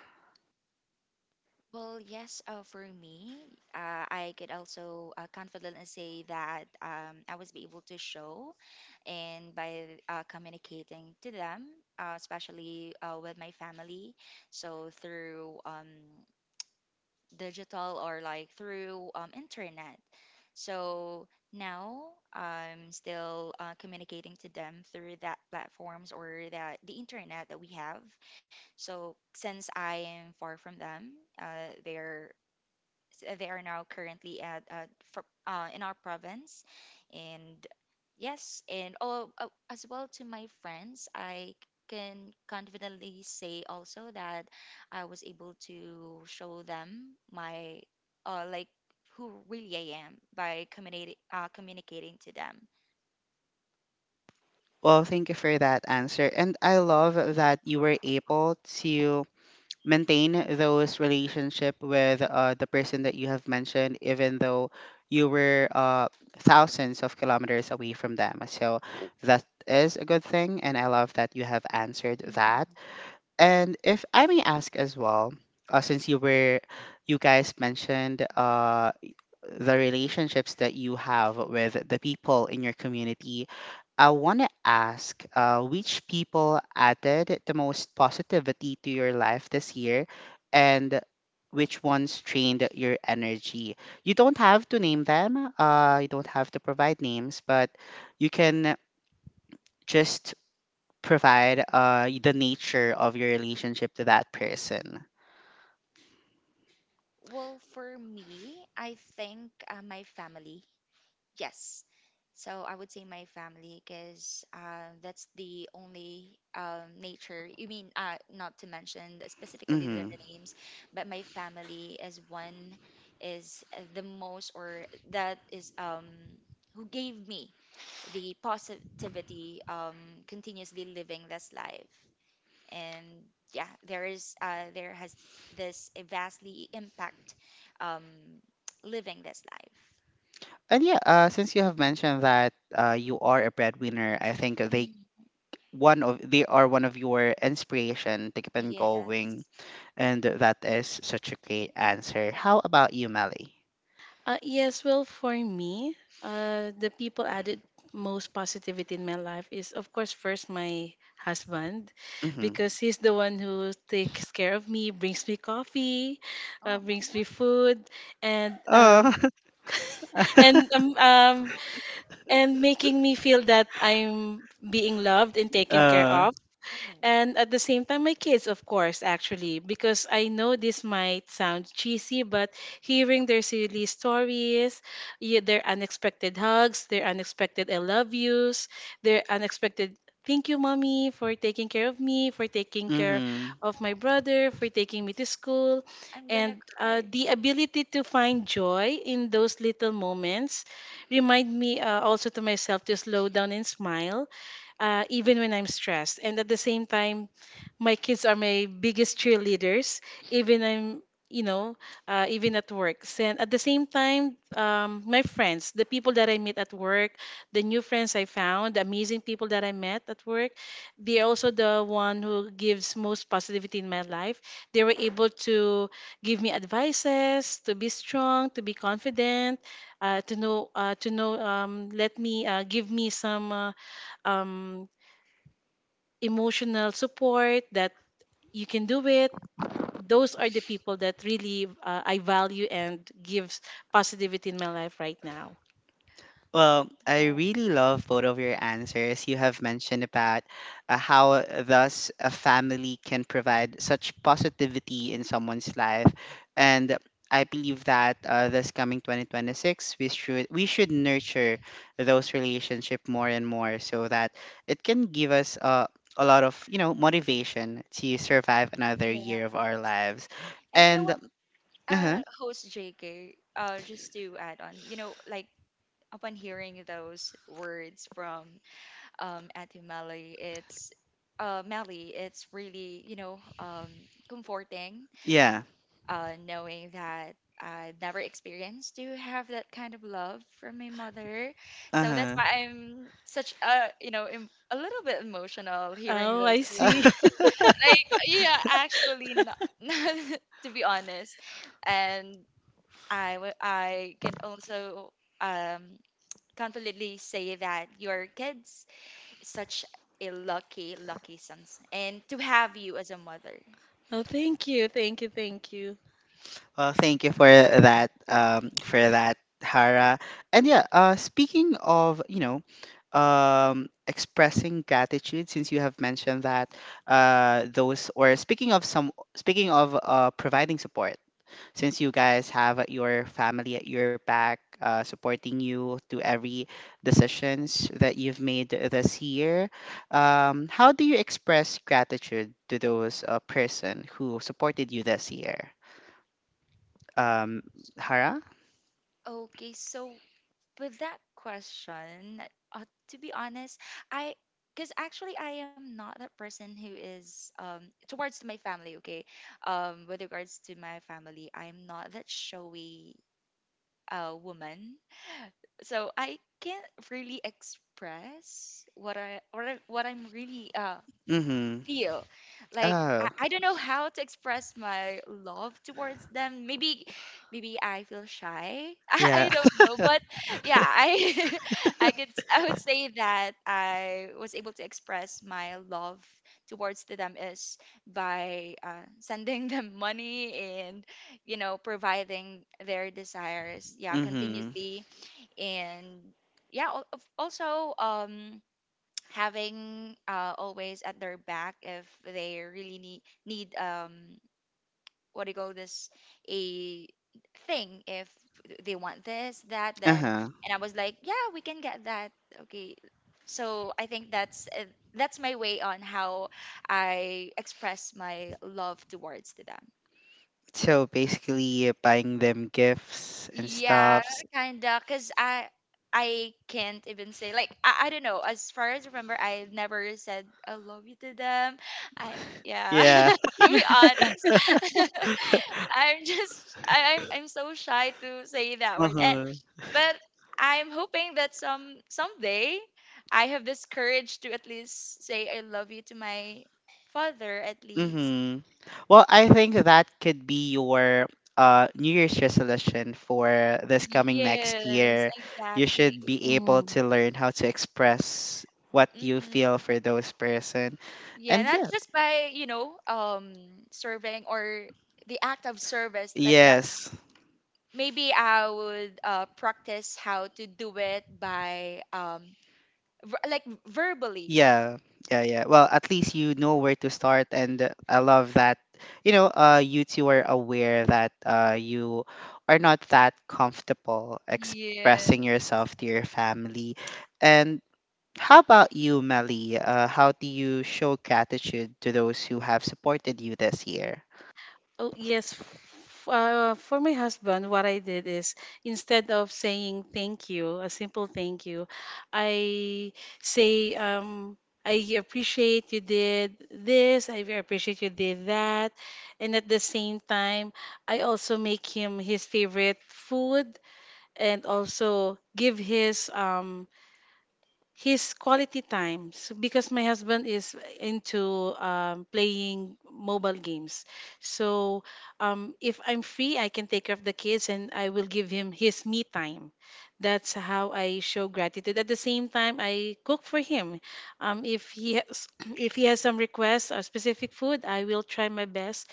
Well, yes, uh, for me, uh, I could also uh, confidently say that um, I was be able to show, and by uh, communicating to them, uh, especially uh, with my family. So through, um, digital, or like through um, internet. So now I'm still uh, communicating to them through that platforms, or that the internet that we have. So since I am far from them, uh, they're uh, they are now currently at uh, for, uh, in our province. And yes, and oh uh, as well to my friends, I can confidently say also that I was able to show them my uh, like, who really I am, by communicating uh, communicating to them.
Well, thank you for that answer. And I love that you were able to maintain those relationship with uh, the person that you have mentioned, even though you were uh, thousands of kilometers away from them. So that is a good thing, and I love that you have answered that. And if I may ask as well, uh, since you were, you guys mentioned uh, the relationships that you have with the people in your community. I want to ask uh, which people added the most positivity to your life this year and which ones drained your energy? You don't have to name them, uh, you don't have to provide names, but you can just provide uh, the nature of your relationship to that person.
Well, for me, I think uh, my family. Yes. So I would say my family, because uh, that's the only um, nature. You mean, uh, not to mention specifically their
Hmm.
names, but my family is one is uh, the most, or that is um, who gave me the positivity, um, continuously living this life. And yeah, there is uh, there has this a vastly impact, um, living this life.
And yeah, uh, since you have mentioned that uh, you are a breadwinner, I think they one of they are one of your inspiration to keep on going,
Yes.
and that is such a great answer. How about you, Melly?
Uh, yes, well, for me, uh, the people added most positivity in my life is, of course, first my husband,
Mm-hmm.
because he's the one who takes care of me, brings me coffee, uh,
Oh.
brings me food, and um,
uh,
and um, um and making me feel that I'm being loved and taken care
uh,
of,
Mm.
and at the same time my kids, of course. Actually, because I know this might sound cheesy, but hearing their silly stories, yeah, their unexpected hugs, their unexpected I love yous, their unexpected thank you mommy for taking care of me, for taking care
mm-hmm.
of my brother, for taking me to school,
I'm gonna
and uh,
cry.
the ability to find joy in those little moments remind me uh, also to myself to slow down and smile uh, even when I'm stressed. And at the same time, my kids are my biggest cheerleaders, even I'm you know uh, even at work, and at the same time um, my friends, the people that I meet at work, the new friends I found, the amazing people that I met at work, they're also the one who gives most positivity in my life. They were able to give me advices to be strong, to be confident, uh, to know uh, to know um, let me uh, give me some uh, um, emotional support, that you can do it. Those are the people that really uh, I value and gives positivity in my life right now.
Well, I
Oh.
really love both of your answers. You have mentioned about uh, how thus a family can provide such positivity in someone's life, and I believe that uh, this coming twenty twenty-six, we should we should nurture those relationship more and more, so that it can give us uh, a lot of, you know, motivation to survive another
Yes.
year of our lives,
And you know
and
what,
uh huh,
uh, host J K, uh, just to add on, you know, like, upon hearing those words from um Ate Melly, it's uh Melly, it's really, you know, um comforting,
yeah,
uh, knowing that I never experienced to have that kind of love from my mother.
uh
So that's
huh.
why I'm such a, you know, em- a little bit emotional hearing
Oh,
those
I see.
words. Like, yeah, actually, no, not, to be honest. And I, w- I can also um, confidently say that your kids is such a lucky, lucky sons, and to have you as a mother.
Oh, thank you, thank you, thank you.
Well, thank you for that, um, for that, Hara. And yeah, uh, speaking of, you know, um, expressing gratitude, since you have mentioned that, uh, those, or speaking of some, speaking of uh, providing support, since you guys have your family at your back, uh, supporting you to every decisions that you've made this year, um, how do you express gratitude to those uh, person who supported you this year? Um, Hara?
Okay, so with that question, uh, to be honest, I because actually I am not a person who is um towards my family. Okay, um, with regards to my family, I'm not that showy uh woman, so I can't really express what I what I, what I'm really uh
Mm-hmm.
feel. Like, I,
Oh,
I don't know how to express my love towards them. Maybe maybe I feel shy. I,
yeah.
I don't know, but yeah, I I could s- I would say that I was able to express my love towards to them is by uh, sending them money and you know providing their desires, yeah,
Mm-hmm.
continuously and yeah al- of- also um having uh, always at their back if they really need need um what do you call this, a thing, if they want this that then
Uh-huh.
and I was like yeah we can get that okay so I think that's uh, that's my way on how I express my love towards to them.
So basically, uh, buying them gifts and
Yeah,
stuffs.
kinda. Cause I I can't even say like I, I don't know. As far as I remember, I never said I love you to them. I, yeah.
Yeah.
To be honest, I'm just I, I'm I'm so shy to say that word. And
Uh-huh.
but I'm hoping that some someday I have this courage to at least say I love you to my father at least.
Mm-hmm. Well, I think that could be your uh New Year's resolution for this coming next
Yes,
year. You
exactly.
should be able to learn how to express what you
Mm-hmm.
feel for those person.
Yeah,
And
not
yeah,
just by, you know, um, serving, or the act of service like that.
yes.
Maybe I would uh, practice how to do it by, um, ver- like verbally.
Yeah, yeah, yeah. Well, at least you know where to start, and uh, I love that. You know, uh, you two are aware that uh, you are not that comfortable expressing
Yeah.
yourself to your family. And how about you, Melly? Uh, how do you show gratitude to those who have supported you this year?
Oh, yes. F- uh, for my husband, what I did is instead of saying thank you, a simple thank you, I say, um, I appreciate you did this, I appreciate you did that. And at the same time, I also make him his favorite food, and also give his um, his quality times, because my husband is into um, playing mobile games. So um, if I'm free, I can take care of the kids, and I will give him his me time. That's how I show gratitude. At the same time, I cook for him. um, if he has If he has some requests or specific food, I will try my best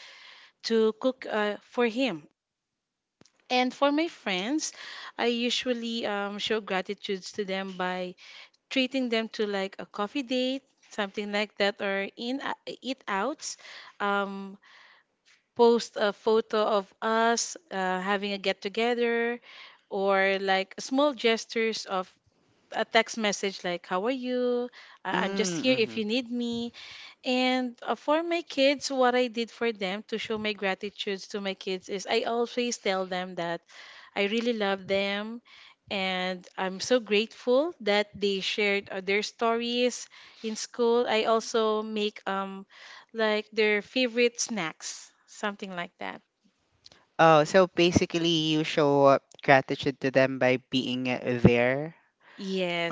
to cook uh, for him. And for my friends, I usually um, show gratitudes to them by treating them to like a coffee date, something like that, or in uh, eat outs, um, post a photo of us uh, having a get together, or like small gestures of a text message like, how are you, I- I'm just here if
Mm-hmm.
you need me. And uh, for my kids, what I did for them to show my gratitude to my kids is I always tell them that I really love them, and I'm so grateful that they shared uh, their stories in school. I also make um like their favorite snacks, something like that.
Oh, so basically, you show uh, gratitude to them by being uh, there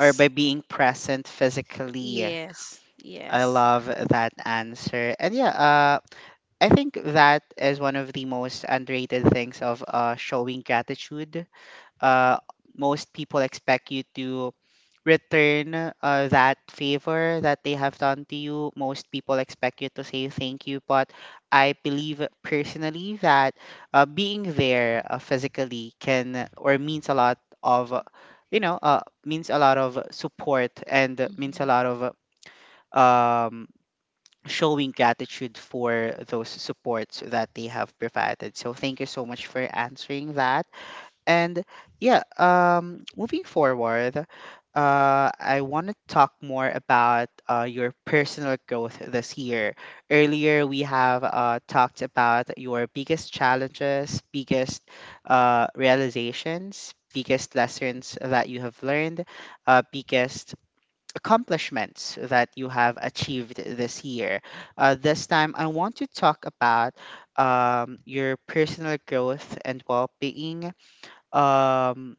or by being present physically.
Yes.
I
Yes.
love that answer. And yeah, uh, I think that is one of the most underrated things of uh, showing gratitude. Uh, most people expect you to return uh, that favor that they have done to you. Most people expect you to say thank you. But I believe personally that uh, being there uh, physically can or means a lot of, you know, uh, means a lot of support and means a
Hmm.
lot of. Um, Showing gratitude for those supports that they have provided. So thank you so much for answering that. And yeah, um, moving forward, uh, I want to talk more about uh, your personal growth this year. Earlier, we have uh, talked about your biggest challenges, biggest uh, realizations, biggest lessons that you have learned, uh, biggest accomplishments that you have achieved this year. Uh, this time, I want to talk about um, your personal growth and well being. Um,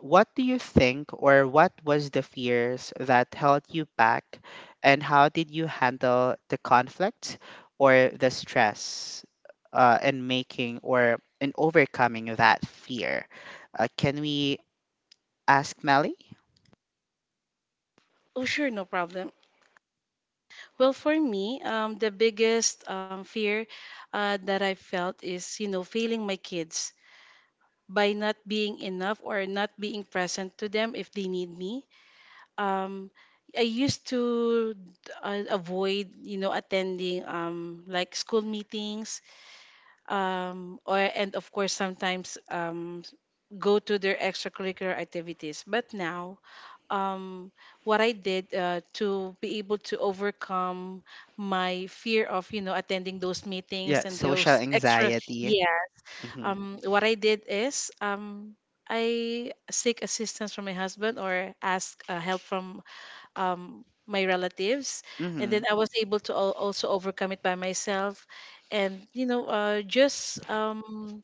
what do you think, or what was the fears that held you back, and how did you handle the conflict or the stress uh, in making or in overcoming that fear? Uh, can we ask Melly?
Oh, sure, no problem. Well, for me, um, the biggest um, fear uh, that I felt is, you know, failing my kids by not being enough or not being present to them if they need me. Um, I used to uh, avoid, you know, attending um, like school meetings, um, or and of course sometimes um, go to their extracurricular activities. But now, um, what I did uh, to be able to overcome my fear of, you know, attending those
Yeah,
meetings and
social
those extra,
anxiety.
yeah.
Mm-hmm.
Um, what I did is um, I seek assistance from my husband, or ask uh, help from um, my relatives, and
Mm-hmm.
then I was able to al- also overcome it by myself, and you know, uh, just um,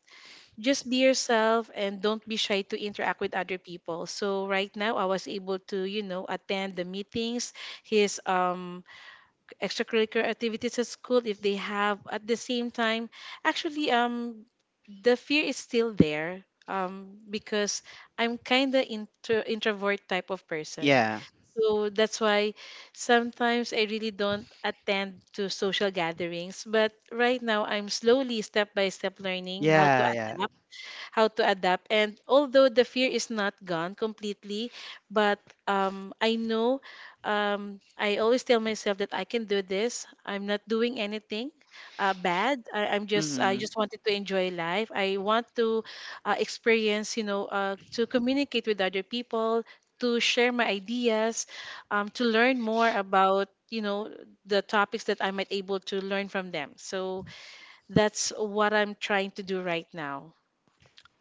just be yourself and don't be shy to interact with other people, so right now I was able to, you know attend the meetings, his um extracurricular activities at school if they have, at the same time. Actually, um the fear is still there, um because I'm kind of intro- introvert type of person,
Yeah,
so that's why sometimes I really don't attend to social gatherings, but right now I'm slowly, step by step, learning how to
yeah, yeah.
adapt how to adapt. And although the fear is not gone completely, but um, I know, um, I always tell myself that I can do this. I'm not doing anything uh, bad. I, I'm just I
hmm
just wanted to enjoy life. I want to uh, experience, you know, uh, to communicate with other people, to share my ideas, um, to learn more about you know the topics that I might able to learn from them. So that's what I'm trying to do right now.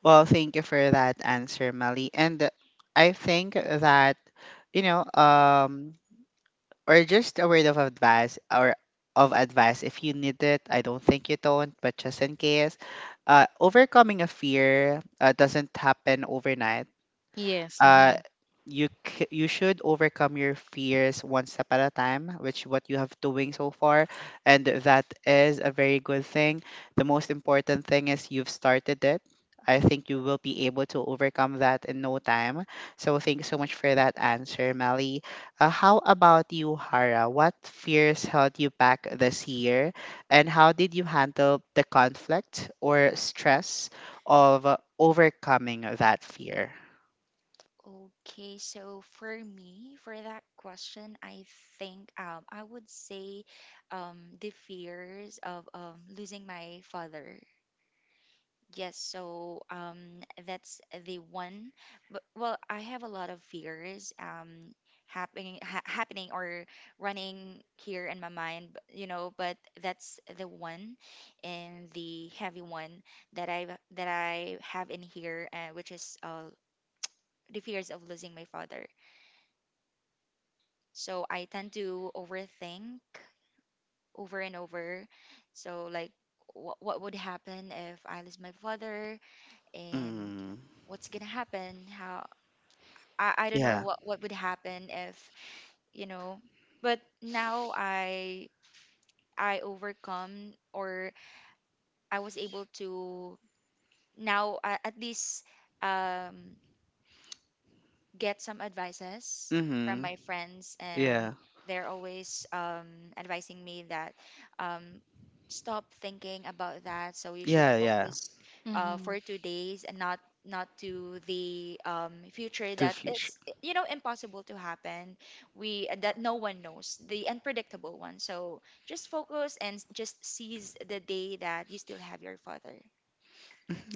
Well, thank you for that answer, Melly. And I think that, you know, um, or just a word of advice or of advice if you need it. I don't think you don't, but just in case, uh, overcoming a fear uh, doesn't happen overnight.
Yes.
uh,
Mm-hmm.
you c- you should overcome your fears one step at a time, which what you have doing so far, and that is a very good thing. The most important thing is you've started it. I think you will be able to overcome that in no time. So thank you so much for that answer, Melly. Uh, how about you, Hara? What fears held you back this year, and how did you handle the conflict or stress of uh, overcoming that fear?
Okay, so for me, for that question, I think um, I would say um, the fears of um, losing my father. Yes, so um, that's the one. But, well, I have a lot of fears um, happening, ha happening or running here in my mind, b- you know. But that's the one, and the heavy one that I that I have in here, uh, which is uh, the fears of losing my father. So I tend to overthink over and over. So like, what what would happen if I lose my father? And
Mm.
what's gonna happen, how I, I don't know
Yeah.
what what would happen if you know. But now I I overcome or I was able to now, uh, at least, um get some advices from
Mhm.
my friends, and
Yeah.
they're always um, advising me that, um, stop thinking about that. So you should
Yeah, yeah.
focus uh,
Mm-hmm.
for two days, and not not to the um, future
To the
that
future.
it's you know impossible to happen. We that no one knows the unpredictable one. So just focus and s- just seize the day that you still have your father.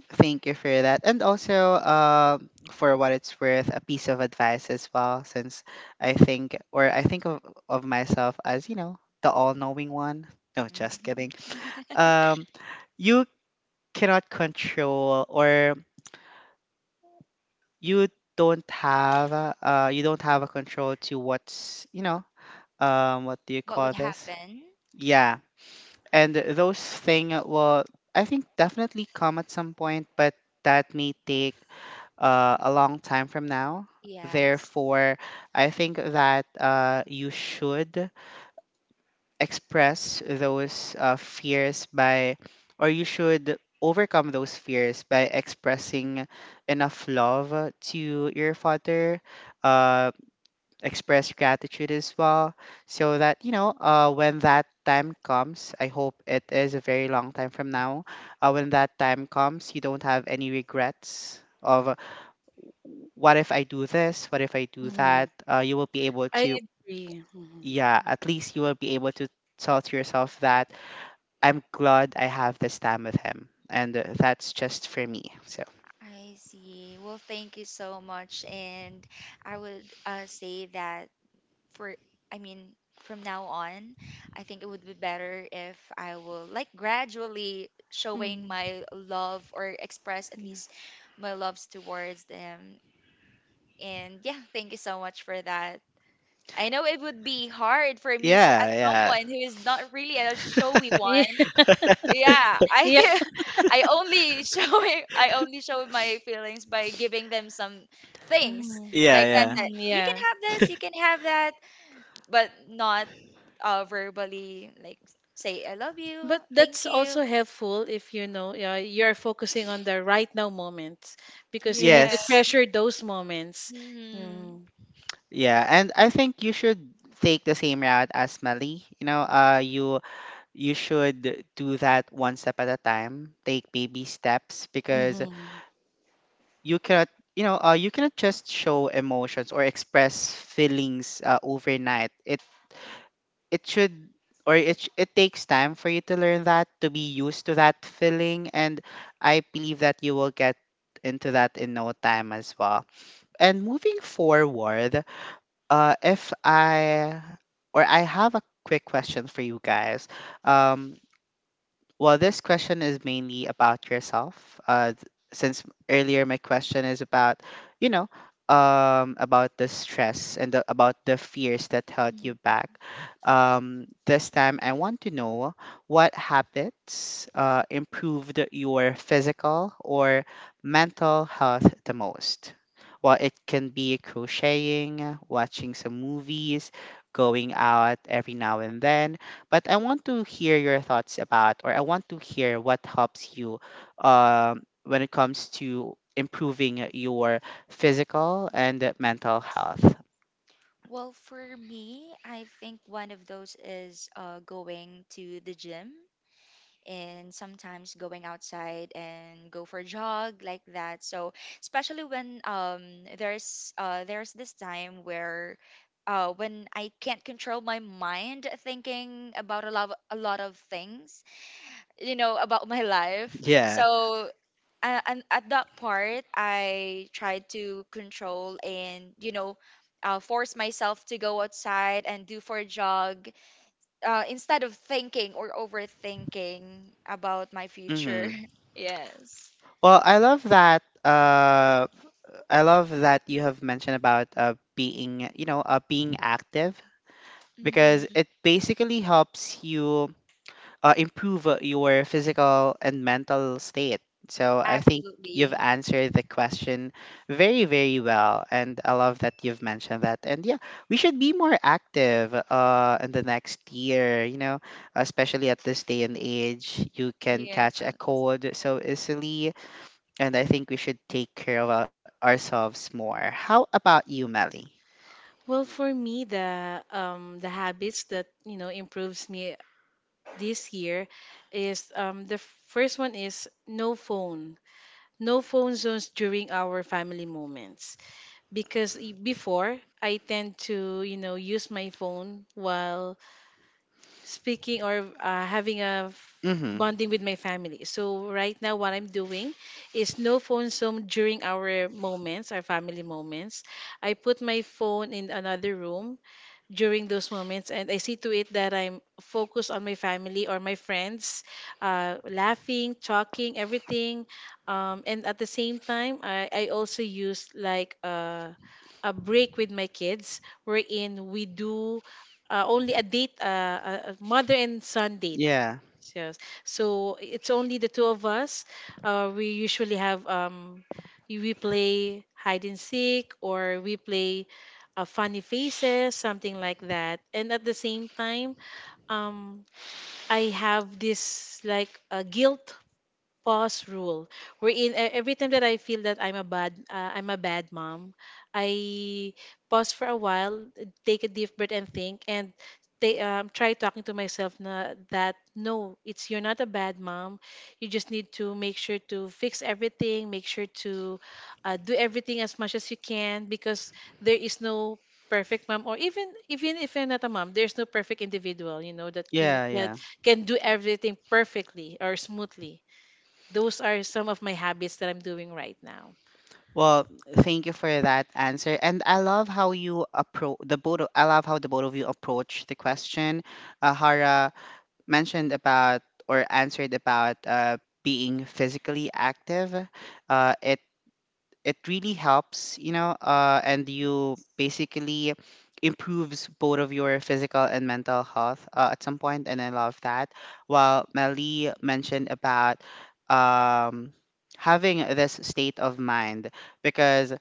Thank you for that. And also, uh, for what it's worth, a piece of advice as well, since I think, or I think of, of myself as, you know, the all-knowing one. No, just kidding.
Mhm.
Um, you cannot control, or you don't have, uh, you don't have a control to what's, you know, um, what do you
What
call
would
this?
happen?
Yeah, and those thing will I think definitely come at some point, but that may take uh, a long time from now.
Yes.
Therefore, I think that uh, you should express those uh, fears by or you should overcome those fears by expressing enough love to your father, uh, express gratitude as well, so that you know, uh, when that time comes, I hope it is a very long time from now, uh, when that time comes you don't have any regrets of, uh, what if I do this, what if I do
Mm-hmm.
that, uh, you will be able
I
to.
agree. Mm-hmm.
Yeah, at least you will be able to tell to yourself that I'm glad I have this time with him, and uh, that's just for me. So
I see. Well, thank you so much. And I would uh, say that for, I mean, from now on, I think it would be better if I will like gradually showing my love or express at
Yeah.
least my loves towards them. And yeah, thank you so much for that. I know it would be hard for me s- as
yeah, yeah,
someone who is not really a showy
Yeah,
one. Yeah, i
yeah.
can- i only show it- I only show my feelings by giving them some things,
Mm-hmm.
like that,
yeah,
that
Mm,
you can
yeah.
have this, you can have that, but not uh verbally, like say I love you,
But
thank
that's also
you.
helpful if you know uh, you're focusing
yeah.
on the right now moments, because you need
Yeah,
to
Yes.
treasure those moments.
mm-hmm.
Mm.
Yeah, and I think you should take the same route as Mali. You know, uh you you should do that one step at a time. Take baby steps because
Hmm.
Mm-hmm.
you cannot, you know, uh, you cannot just show emotions or express feelings uh, overnight. It it should or it sh- it takes time for you to learn that, to be used to that feeling, and I believe that you will get into that in no time as well. And moving forward, uh, if I or I have a quick question for you guys. Um, well, this question is mainly about yourself. Uh, th- since earlier my question is about, you know, um, about the stress and the, about the fears that held you back. Um, this time, I want to know what habits uh, improved your physical or mental health the most. Well, it can be crocheting, watching some movies, going out every now and then, but I want to hear your thoughts about, or I want to hear what helps you um, when it comes to improving your physical and mental health.
Well, for me, I think one of those is uh, going to the gym, and sometimes going outside and go for a jog like that. So especially when um there's uh there's this time where, uh, when I can't control my mind thinking about a lot of, a lot of things, you know, about my life.
Yeah.
So uh, and at that part, I tried to control and you know, uh, force myself to go outside and do for a jog, uh, instead of thinking or overthinking about my future.
hmm
Yes.
Well, I love that. Uh, I love that you have mentioned about uh, being, you know, uh, being active because
Hmm.
it basically helps you uh, improve uh, your physical and mental state. So I think you've
Absolutely.
answered the question very, very well. And I love that you've mentioned that. And yeah, we should be more active uh, in the next year, you know, especially at this day and age. You can
Yeah.
catch a cold so easily. And I think we should take care of our- ourselves more. How about you, Melly?
Well, for me, the um the habits that you know improves me this year is um the first one is no phone, no phone zones during our family moments. Because i- before I tend to, you know, use my phone while speaking or uh, having a f-
Mm-hmm.
bonding with my family. So right now, what I'm doing is no phone zone during our moments, our family moments. I put my phone in another room during those moments, and I see to it that I'm focused on my family or my friends, uh, laughing, talking, everything. Um, and at the same time, i, I also use like uh, a break with my kids wherein we do uh, only a date, uh, a a mother and son date.
Yeah.
Yes. So it's only the two of us. Uh, we usually have um, y- we play hide and seek, or we play uh, funny faces, something like that. And at the same time, um, I have this like a guilt pause rule wherein e- every time that I feel that I'm a bad uh, I'm a bad mom, I pause for a while, take a deep breath and think, and they, um, try talking to myself na, that no, it's you're not a bad mom. You just need to make sure to fix everything, make sure to uh, do everything as much as you can, because there is no perfect mom, or even even if you're not a mom, there's no perfect individual, you know that you know
Yeah.
can,
Yeah.
can do everything perfectly or smoothly. Those are some of my habits that I'm doing right now.
Well, thank you for that answer. And I love how you approach the both of, I love how the both of you approach the question. Uh, Hara mentioned about or answered about uh, being physically active. Uh, it it really helps, you know, uh, and you
Yes.
basically improves both of your physical and mental health uh, at some point, and I love that. While Melly mentioned about um, having this state of mind because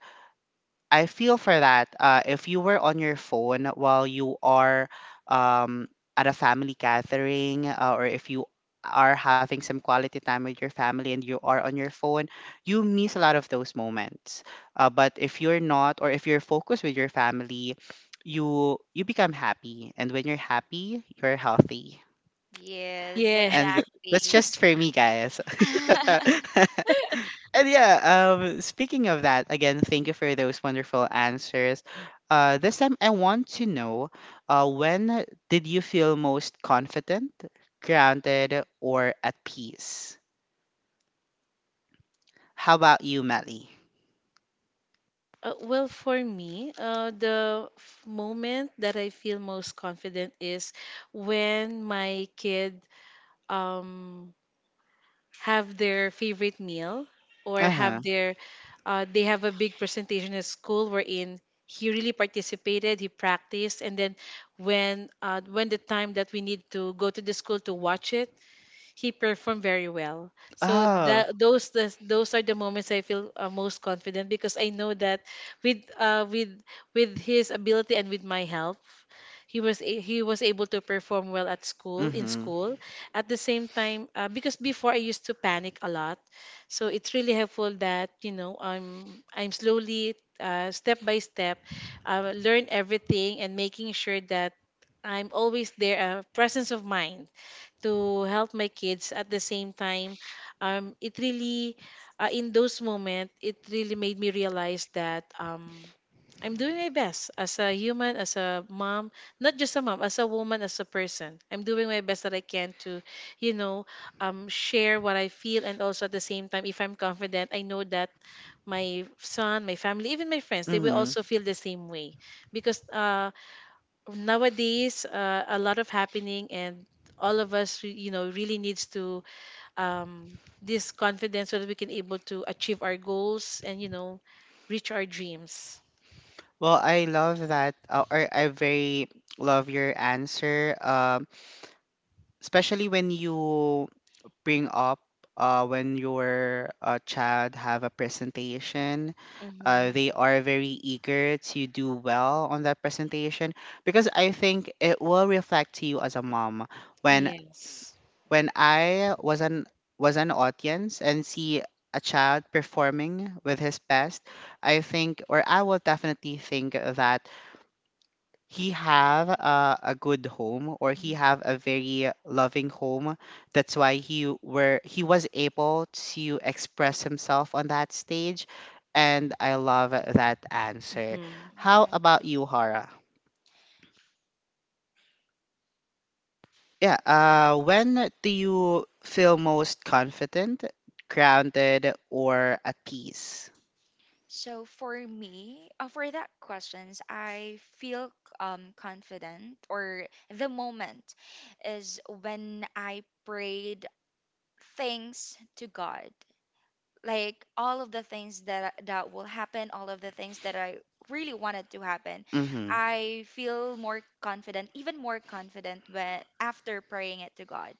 I feel for that. Uh, if you were on your phone while you are um, at a family gathering, uh, or if you are having some quality time with your family and you are on your phone, you miss a lot of those moments. Uh, but if you're not, or if you're focused with your family, you you become happy, and when you're happy, you're healthy,
Yes,
Yeah.
and that's
exactly.
just for me, guys. And yeah, um, speaking of that, again, thank you for those wonderful answers. Uh, this time, I want to know uh, when did you feel most confident, grounded, or at peace? How about you, Melly?
Uh, well, for me, uh, the f- moment that I feel most confident is when my kid, um, have their favorite meal, or
Uh huh.
have their, uh, they have a big presentation at school wherein he really participated, he practiced, and then when uh, when the time that we need to go to the school to watch it, he performed very well. So
Oh,
that those the, those are the moments I feel uh, most confident, because I know that with uh with with his ability and with my help, he was a- he was able to perform well at school
mm
in
hmm.
school. At the same time, uh, because before I used to panic a lot, so it's really helpful that you know I'm I'm slowly, uh, step by step, uh, learn everything and making sure that I'm always there, uh, presence of mind to help my kids. At the same time, um it really uh, in those moments, it really made me realize that um I'm doing my best as a human, as a mom, not just a mom, as a woman, as a person. I'm doing my best that I can to, you know, um, share what I feel. And also at the same time, if I'm confident, I know that my son, my family, even my friends, they
Mm
will
hmm.
also feel the same way. Because uh, nowadays, uh, a lot of happening, and all of us, re- you know really needs to, um, this confidence, so that we can able to achieve our goals, and you know reach our dreams.
Well, I love that, uh, or I very love your answer, um, especially when you bring up uh, when your uh, child have a presentation, uh,
Hmm.
they are very eager to do well on that presentation, because I think it will reflect to you as a mom when
Yes.
when I was an was an audience and see a child performing with his best, I think, or I will definitely think that he have a, a good home, or he have a very loving home. That's why he were he was able to express himself on that stage. And I love that answer.
Hmm.
How
Yeah.
about you, Hara? Yeah, uh when do you feel most confident, grounded, or at peace?
So for me, uh, for that questions, I feel um confident, or the moment is when I prayed thanks to God, like all of the things that I- that will happen, all of the things that I really wanted to happen,
Mm-hmm.
I feel more confident, even more confident when after praying it to God.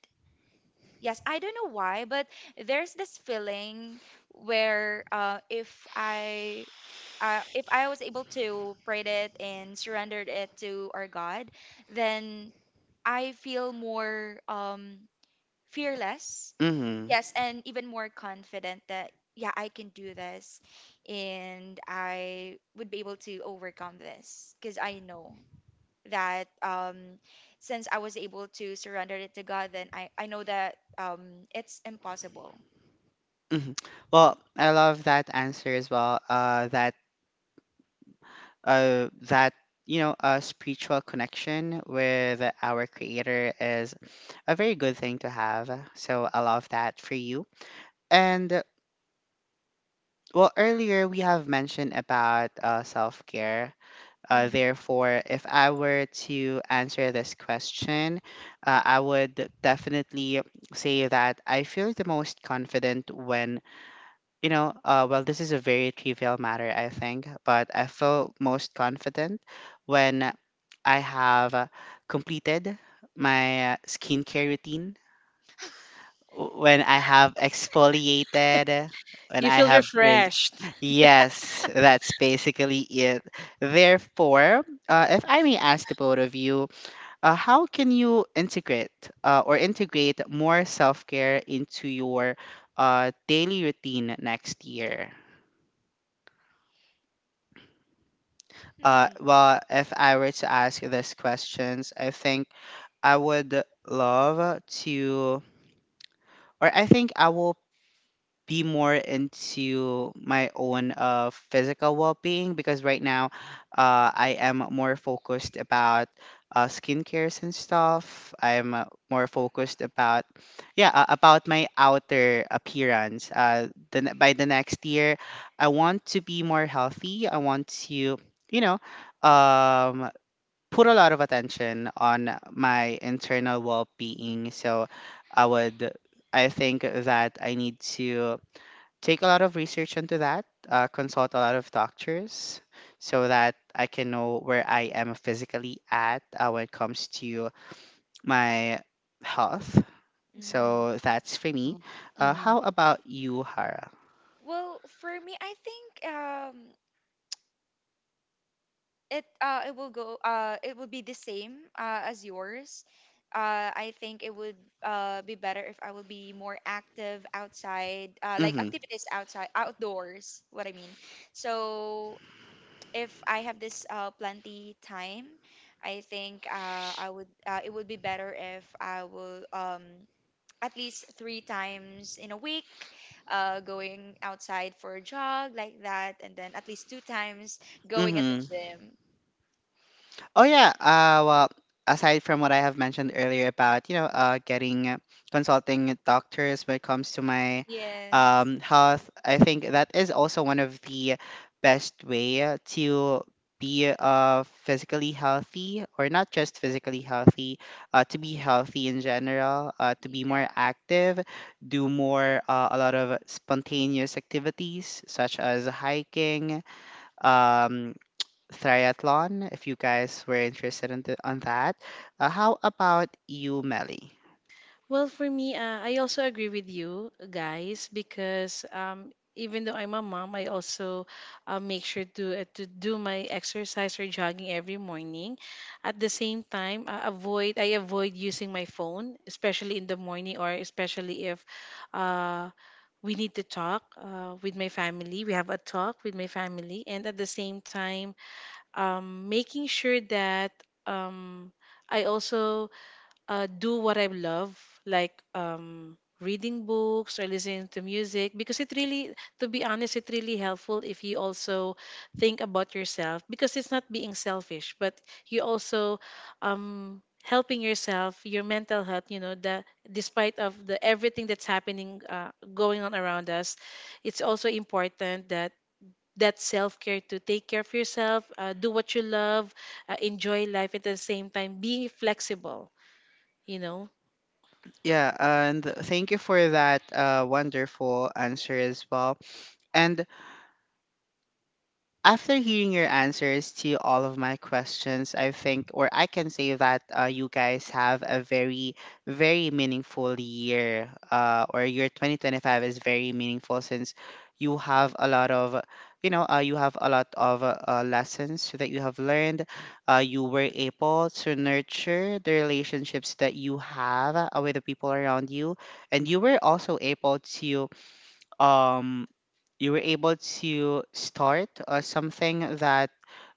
Yes, I don't know why, but there's this feeling where uh, if i, uh, if I was able to pray it and surrendered it to our God, then I feel more um fearless.
Mm-hmm.
Yes, and even more confident that, yeah, I can do this and I would be able to overcome this because I know that, um, since I was able to surrender it to God, then I, I know that, um, it's impossible.
Mm-hmm. Well, I love that answer as well. Uh, that uh, that You know, a spiritual connection with our creator is a very good thing to have, so I love that for you. And well, earlier we have mentioned about uh, self-care, uh,
Hmm.
therefore, if I were to answer this question, uh, I would definitely say that I feel the most confident when, you know, uh, well, this is a very trivial matter, I think, but I feel most confident when I have uh, completed my uh, skincare routine, w- when I have exfoliated, when
You
I
feel
have res-
refreshed.
Yes, that's basically it. Therefore, uh, if I may ask the both of you, uh, how can you integrate uh, or integrate more self care into your uh, daily routine next year? Uh, well, if I were to ask these questions, I think I would love to, or I think I will be more into my own uh, physical well-being, because right now, uh, I am more focused about uh, skincares and stuff. I'm uh, more focused about, yeah, uh, about my outer appearance. Uh, the, ne- by the next year, I want to be more healthy. I want to, you know. Um, Put a lot of attention on my internal well-being. So I would, I think that I need to take a lot of research into that, uh, consult a lot of doctors so that I can know where I am physically at uh, when it comes to my health.
Hmm.
So that's for me. Uh,
Mm-hmm.
how about you, Hara?
Well, for me, I think um, it uh it will go, uh it will be the same uh as yours. Uh, I think it would uh be better if I would be more active outside, uh, like activities outside, outdoors. What I mean. So if I have this uh plenty time, I think uh I would, uh, it would be better if I will um at least three times in a week, uh going outside for a jog like that, and then at least two times going at the
Mm-hmm.
gym.
Oh yeah. Uh, well, aside from what I have mentioned earlier about, you know uh, getting uh, consulting doctors when it comes to my
Yes.
um, health, I think that is also one of the best way to be uh, physically healthy, or not just physically healthy, uh, to be healthy in general, uh, to be more
Yeah.
active, do more uh, a lot of spontaneous activities such as hiking, um, triathlon, if you guys were interested in the, on that. Uh, how about you, Melly?
Well, for me, uh, I also agree with you guys, because um, even though I'm a mom, I also uh, make sure to uh, to do my exercise or jogging every morning. At the same time, uh, avoid I avoid using my phone, especially in the morning, or especially if uh, we need to talk, uh, with my family. We have a talk with my family, and at the same time, um, making sure that um, I also uh, do what I love, like um, reading books or listening to music, because it really, to be honest, it really helpful if you also think about yourself, because it's not being selfish, but you also, um, helping yourself, your mental health. You know, the despite of the everything that's happening, uh, going on around us, it's also important that that self-care to take care of yourself, uh, do what you love, uh, enjoy life at the same time, be flexible, you know.
Yeah, and thank you for that uh, wonderful answer as well. And after hearing your answers to all of my questions, I think, or I can say that uh, you guys have a very, very meaningful year, uh, or your twenty twenty-five is very meaningful, since you have a lot of, you know, uh, you have a lot of uh, uh, lessons that you have learned. Uh, you were able to nurture the relationships that you have uh, with the people around you, and you were also able to. Um, you were able to start uh, something that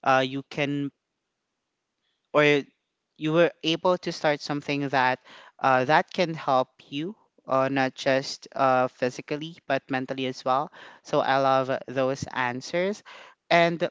uh, you can or you were able to start something that uh, that can help you uh, not just uh, physically but mentally as well, so I love those answers. And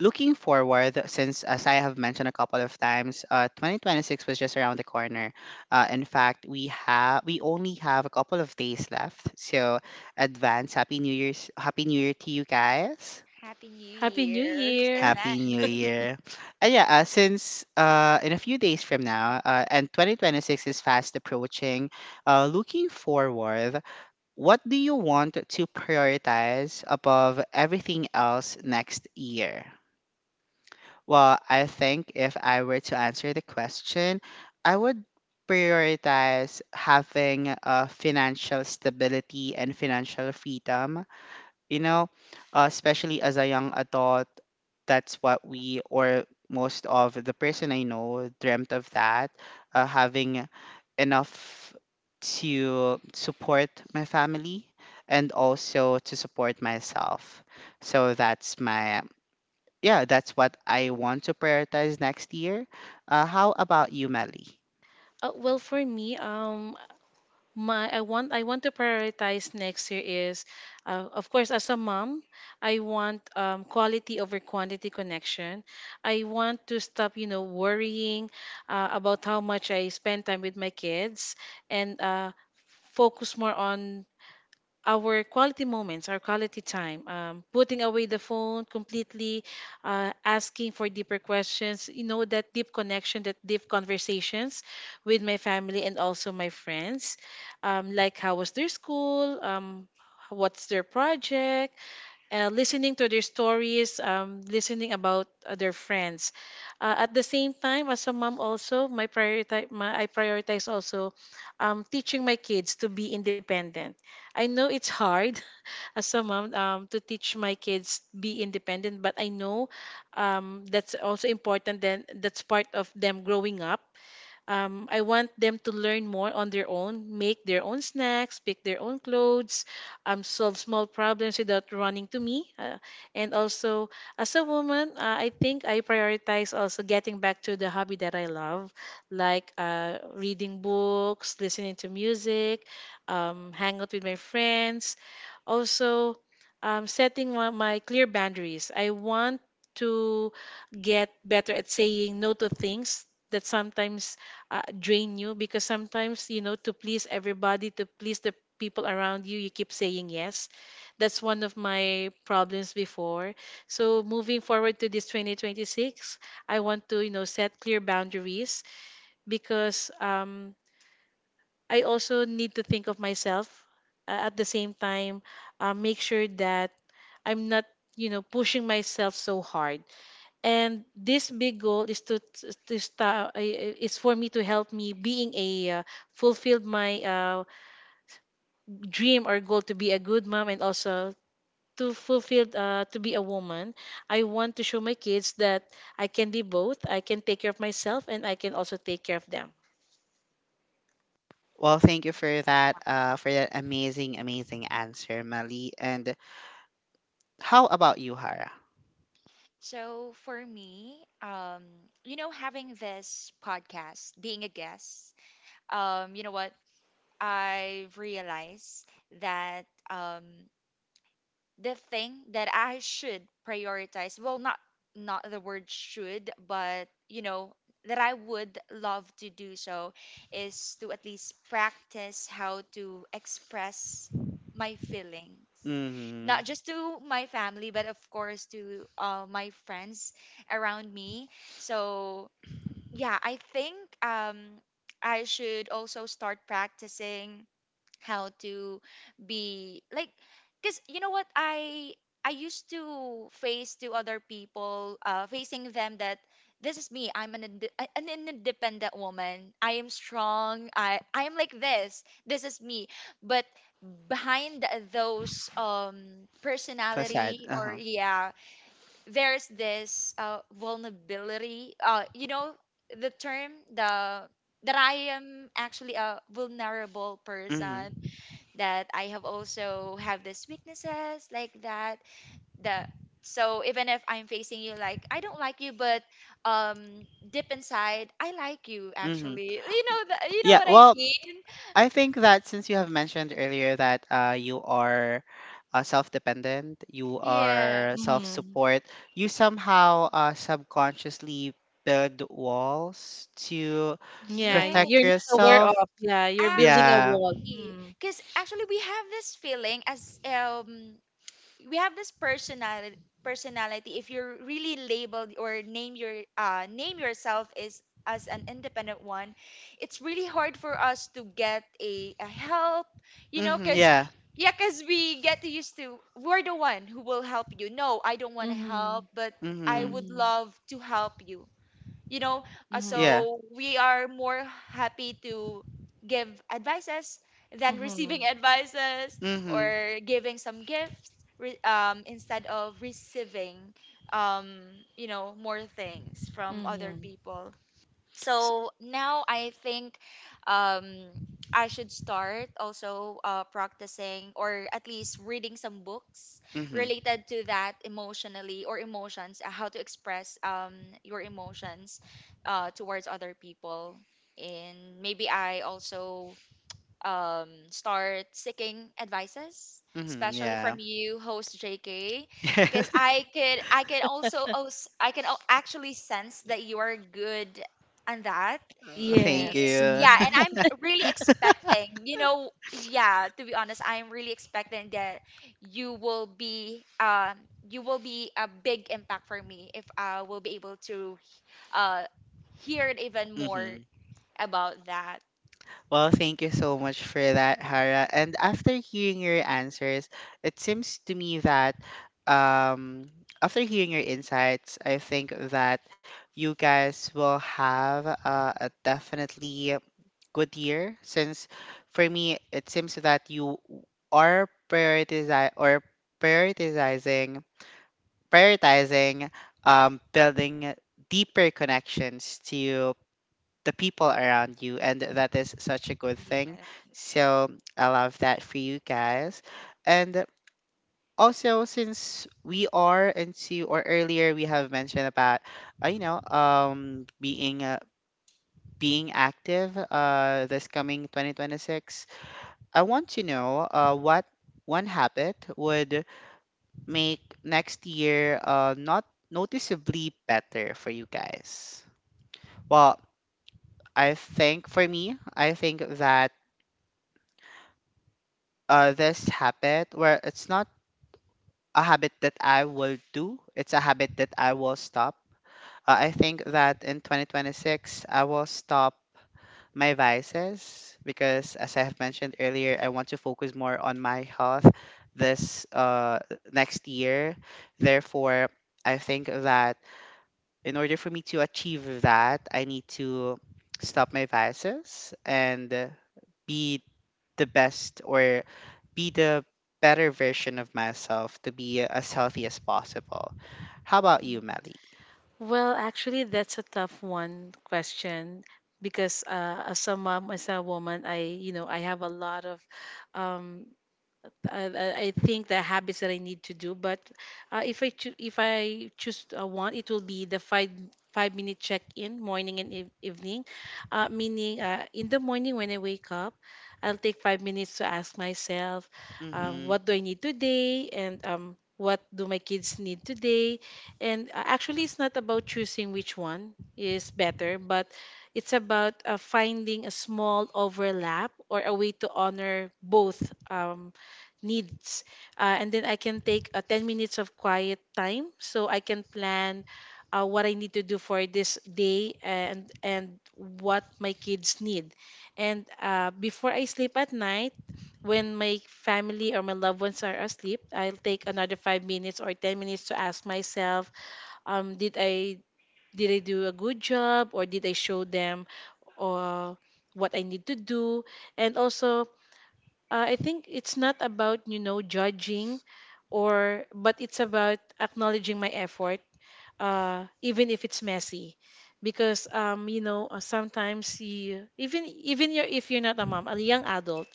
looking forward, since as I have mentioned a couple of times, uh, twenty twenty-six was just around the corner. Uh, in fact, we have we only have a couple of days left. So advance happy New Year's, happy New Year to you guys.
Happy New
Happy New
Year and
Year.
Happy New
thanks.
Year. And yeah, uh, since uh, in a few days from now, uh, and twenty twenty-six is fast approaching. Uh, looking forward, what do you want to prioritize above everything else next year? Well, I think if I were to answer the question, I would prioritize having uh, financial stability and financial freedom. You know, uh, especially as a young adult, that's what we, or most of the person I know, dreamt of, that uh, having enough to support my family and also to support myself. So that's my, yeah, that's what I want to prioritize next year. Uh, how about you, Melly?
Uh, well, for me, um, my I want I want to prioritize next year is, uh, of course, as a mom, I want, um, quality over quantity connection. I want to stop, you know, worrying, uh, about how much I spend time with my kids, and uh, focus more on our quality moments, our quality time, um, putting away the phone completely, uh, asking for deeper questions, you know, that deep connection, that deep conversations with my family and also my friends. Um, like, how was their school? Um, what's their project? Uh, listening to their stories, um, listening about, uh, their friends. Uh, at the same time, as a mom, also my prioritize, my, I prioritize also, um, teaching my kids to be independent. I know it's hard as a mom, um, to teach my kids be independent, but I know, um, that's also important. Then that's part of them growing up. um, I want them to learn more on their own, make their own snacks, pick their own clothes, um, solve small problems without running to me. Uh, and also, as a woman, uh, I think I prioritize also getting back to the hobby that I love, like, uh, reading books, listening to music, um, hang out with my friends. Also, um, setting my, my clear boundaries. I want to get better at saying no to things that sometimes uh, drain you, because sometimes, you know, to please everybody, to please the people around you, you keep saying yes. That's one of my problems before. So moving forward to this twenty twenty-six, I want to, you know set clear boundaries, because, um, I also need to think of myself, uh, at the same time, uh, make sure that I'm not, you know pushing myself so hard. And this big goal is to to start is for me to help me being a, uh, fulfilled my, uh, dream or goal to be a good mom, and also to fulfill, uh, to be a woman. I want to show my kids that I can be both. I can take care of myself, and I can also take care of them.
Well, thank you for that, uh, for that amazing, amazing answer, Melly. And how about you, Hara?
So for me, um, you know, having this podcast, being a guest, um, you know what? I've realized that um the thing that I should prioritize. Well, not not the word should, but you know that I would love to do so is to at least practice how to express my feelings.
Mm-hmm.
Not just to my family, but of course to uh, my friends around me. So yeah, I think, um, I should also start practicing how to be like, because you know what, i I used to face to other people uh facing them that this is me, I'm an ind- a- an independent woman, I am strong, i I am like this this is me. But behind those um
Facade.
personality, or
Uh-huh.
yeah, there's this uh vulnerability, uh you know, the term, the that I am actually a vulnerable person,
Mm-hmm.
that I have also have these weaknesses like that. That so even if I'm facing you like I don't like you, but um deep inside I like you,
Mm-hmm.
actually. You know the, you know
Yeah,
what I
well,
mean?
I think that since you have mentioned earlier that uh, you are uh, self-dependent, you
Yeah.
are
Hmm.
self-support, you somehow uh, subconsciously build walls to
Yeah,
protect
you're
Yes.
not aware
yourself.
of, yeah, you're building a
Yeah.
wall.
Actually,
Mm-hmm.
because actually we have this feeling as um we have this personality personality, if you're really labeled or name your uh name yourself is as an independent one, it's really hard for us to get a, a help, you know,
hmm
because
Yeah.
yeah, because we get used to we're the one who will help you, no I don't want to help,
Mm-hmm.
but I
hmm
would
Mm-hmm.
love to help you, you know, uh,
Mm-hmm.
Yeah.
so we are more happy to give advices than
Mm-hmm.
receiving advices,
hmm
or giving some gifts re- um, instead of receiving, um, you know, more things from other
Mm-hmm.
people. So now I think, um I should start also, uh, practicing, or at least reading some books
hmm
related to that emotionally or emotions, uh, how to express um your emotions uh, towards other people. And maybe I also, um, start seeking advices,
hmm
especially
Yeah.
from you, host J K, because I could I can also als- I can al- actually sense that you are good on that. And
Thank
Yes.
you.
yeah, and
Mhm.
I'm really expecting, you know, yeah, to be honest, I'm really expecting that you will be um you will be a big impact for me if I will be able to uh hear it even more
hmm
about that.
Well, thank you so much for that, Hara. And after hearing your answers, it seems to me that um, after hearing your insights, I think that you guys will have uh, a definitely good year. Since for me, it seems that you are prioritizi or prioritizing, prioritizing um, building deeper connections to the people around you, and that is such a good thing.
Yes.
So I love that for you guys. And also, since we are into, or earlier we have mentioned about, uh, you know, um, being uh, being active uh, this coming twenty twenty-six, I want to know uh, what one habit would make next year uh, not noticeably better for you guys. Well, I think for me, I think that uh, this habit where it's not a habit that I will do, it's a habit that I will stop. Uh, I think that in twenty twenty-six, I will stop my vices because, as I have mentioned earlier, I want to focus more on my health this uh, next year. Therefore, I think that in order for me to achieve that, I need to stop my vices and uh, be the best, or be the better version of myself, to be as healthy as possible. How about you, Melly?
Well, actually, that's a tough one question, because uh, as a mom, as a woman, I you know I have a lot of, um, I, I I think the habits that I need to do. But, uh, if I choo- if I choose, uh, one, it will be the five five minute check in morning and eve- evening. Uh, meaning, uh, in the morning when I wake up, I'll take five minutes to ask myself, uh,
Mm-hmm.
what do I need today, and, um, what do my kids need today. And uh, Actually, it's not about choosing which one is better, but it's about, uh, finding a small overlap or a way to honor both, um, needs. Uh, and then I can take a ten minutes of quiet time, so I can plan, uh, what I need to do for this day. And and what my kids need. And, uh, before I sleep at night, when my family or my loved ones are asleep, I'll take another five minutes or ten minutes to ask myself, um, did i did i do a good job, or did I show them, or what I need to do. And also, uh, I think it's not about, you know judging, or, but it's about acknowledging my effort, uh, even if it's messy, because, um, you know uh, sometimes you, even even you're, if you're not a mom, a young adult,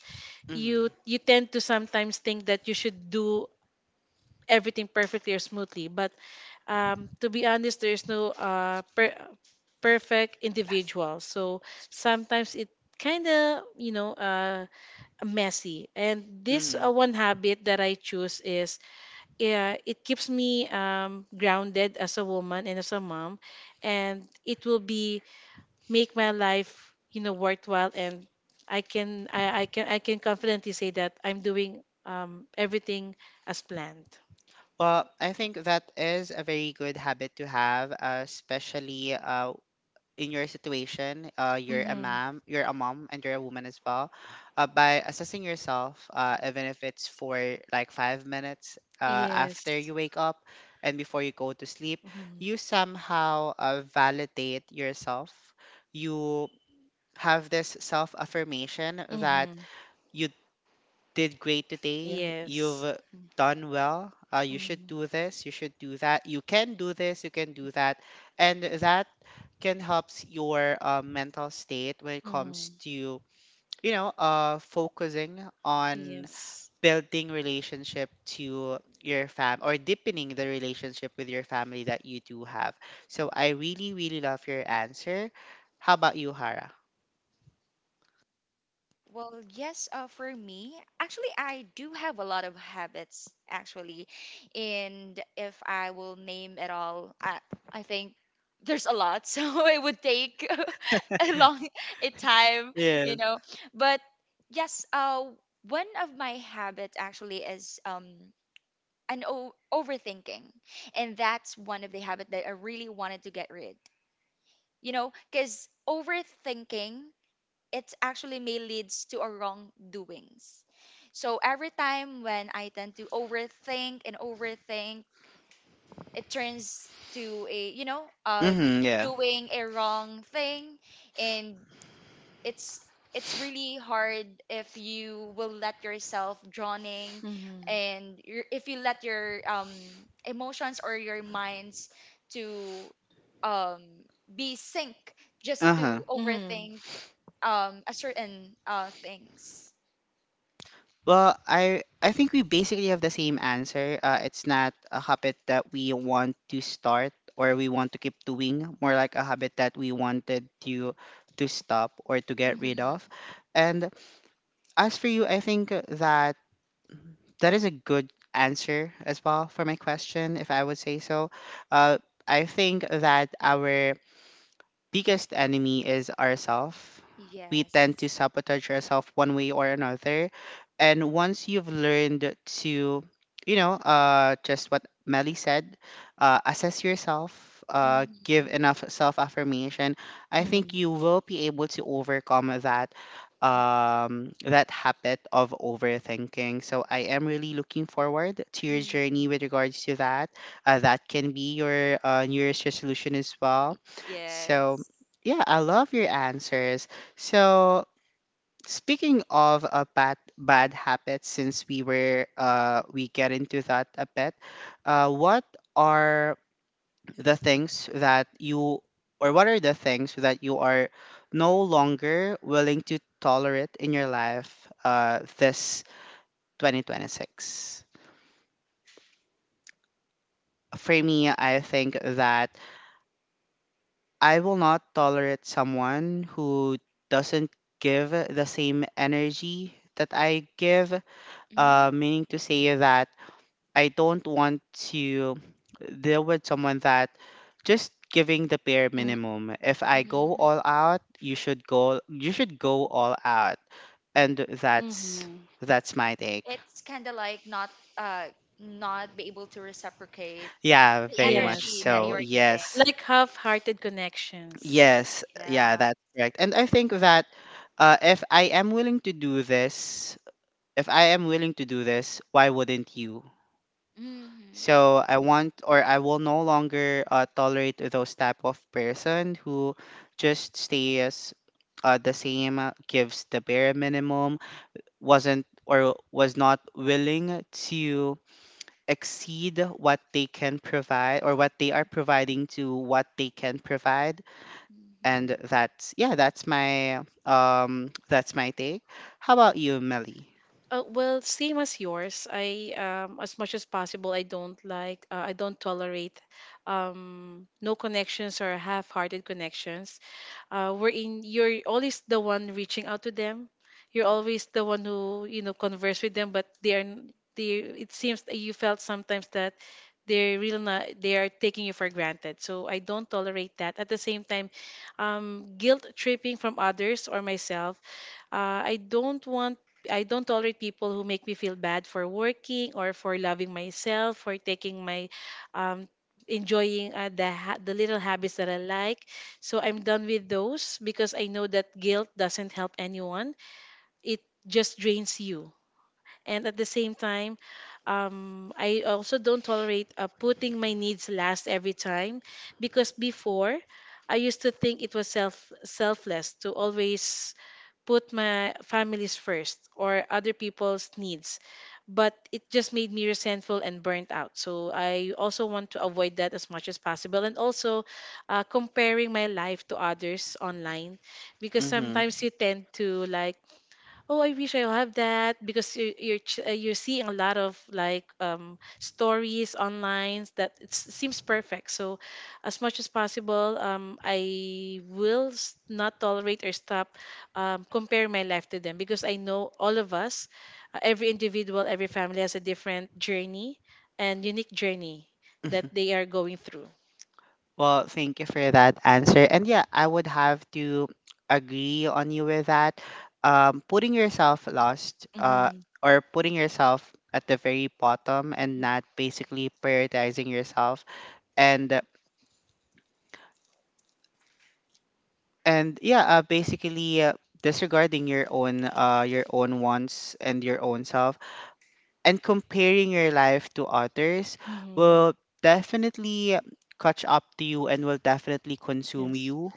you
Mm-hmm.
you tend to sometimes think that you should do everything perfectly or smoothly, but, um, to be honest, there's no, uh, per- perfect individual. So sometimes it kind of, you know, uh, messy. And this, uh,
Mm-hmm.
one habit that I choose is, uh, it keeps me, um, grounded as a woman and as a mom, and it will be, make my life, you know, worthwhile. And I can I, I can I can confidently say that I'm doing, um, everything as planned.
Well, I think that is a very good habit to have, uh, especially uh, in your situation. Uh, you're a
Mm-hmm.
mom, you're a mom, and you're a woman as well. Uh, by assessing yourself, uh, even if it's for like five minutes uh,
Yes.
after you wake up and before you go to sleep,
Mm-hmm.
you somehow uh, validate yourself. You have this self affirmation that
Mm-hmm.
you did great today. You've
Yes.
uh, done well. Uh, you should
Mm-hmm.
do this. You should do that. You can do this. You can do that. And that can helps your uh, mental state when it comes
Mm-hmm.
to you know uh, focusing on
Yes.
building relationship to your fam, or deepening the relationship with your family that you do have. So I really really love your answer. How about you, Hara?
Well, yes, uh, for me, actually, I do have a lot of habits, actually. And if I will name it all, I, I think there's a lot. So it would take a long a time, you
Yes.
know. But yes, uh, one of my habits actually is, um, an o- overthinking. And that's one of the habit that I really wanted to get rid, you know, because overthinking it actually may leads to a wrongdoings. So every time when I tend to overthink and overthink, it turns to a you know uh
Mm-hmm, yeah.
doing a wrong thing. And it's it's really hard if you will let yourself drowning
Mm-hmm.
and your, if you let your um emotions or your minds to um be sync just to
Uh-huh.
Mm-hmm.
overthink um a certain uh things.
Well, I I think we basically have the same answer. Uh, it's not a habit that we want to start or we want to keep doing, more like a habit that we wanted to to stop or to get rid of.
Hmm.
And as for you, I think that that is a good answer as well for my question, if I would say so. Uh, I think that our biggest enemy is ourself. We
Yes.
tend to sabotage ourselves one way or another. And once you've learned to, you know, uh, just what Melly said, uh, assess yourself, uh, give
Hmm.
enough self affirmation, I think you
Mm-hmm.
will be able to overcome that um that habit of overthinking. So I am really looking forward to your
Hmm.
journey with regards to that. Uh, that can be your uh, New Year's resolution as well. So
Yes.
yeah, I love your answers. So speaking of a bad bad habits, since we were uh we get into that a bit, uh, what are the things that you, or what are the things that you are no longer willing to tolerate in your life uh this twenty twenty-six? For me, I think that I will not tolerate someone who doesn't give the same energy that I give. Uh,
Hmm.
meaning to say that I don't want to deal with someone that just giving the bare minimum. If I go
Hmm.
all out, you should go you should go all out. And that's
Mm-hmm.
that's my take.
It's kind of like not uh not be able to reciprocate
Yeah,
the
very much
Yes,
energy that
so.
you're
mm.
giving.
Yes.
Like half-hearted connections.
Yes, yeah,
Yeah.
that's correct. And I think that uh, if I am willing to do this, if I am willing to do this, why wouldn't you?
Mm-hmm.
So I want, or I will no longer uh, tolerate those type of person who just stays uh, the same, uh, gives the bare minimum, wasn't or was not willing to exceed what they can provide, or what they are providing to what they can provide. And
Mm-hmm.
that's, yeah, that's my um that's my take. How about you, Melly?
Uh, well, same as yours. I um, As much as possible, I don't like, uh, I don't tolerate, um, no connections or half-hearted connections. Uh, wherein you're always the one reaching out to them. You're always the one who, you know converse with them, but they are n- they. It seems that you felt sometimes that they're really not, they are taking you for granted. So I don't tolerate that. At the same time, um, guilt tripping from others or myself, uh, I don't want I don't tolerate people who make me feel bad for working or for loving myself, for taking my, um, enjoying, uh, the ha- the little habits that I like. So I'm done with those, because I know that guilt doesn't help anyone. It just drains you. And at the same time, um, I also don't tolerate, uh, putting my needs last every time, because before I used to think it was self selfless to always put my family's first or other people's needs, but it just made me resentful and burnt out. So I also want to avoid that as much as possible. And also, uh, comparing my life to others online, because
Mm-hmm.
sometimes you tend to, like, oh, I wish I have that, because you're you're, ch- uh, you're seeing a lot of, like, um, stories online that it seems perfect. So, as much as possible, um, I will s- not tolerate or stop, um, comparing my life to them, because I know all of us, uh, every individual, every family has a different journey and unique journey that
Mhm.
they are going through.
Well, thank you for that answer. And yeah, I would have to agree on you with that. Um, putting yourself lost, uh,
Mm-hmm.
or putting yourself at the very bottom and not
Mm-hmm.
basically prioritizing yourself, and and yeah, uh, basically uh, disregarding your own uh your own wants and your own self, and comparing your life to others
Mm-hmm.
will definitely catch up to you and will definitely consume
Yes.
you,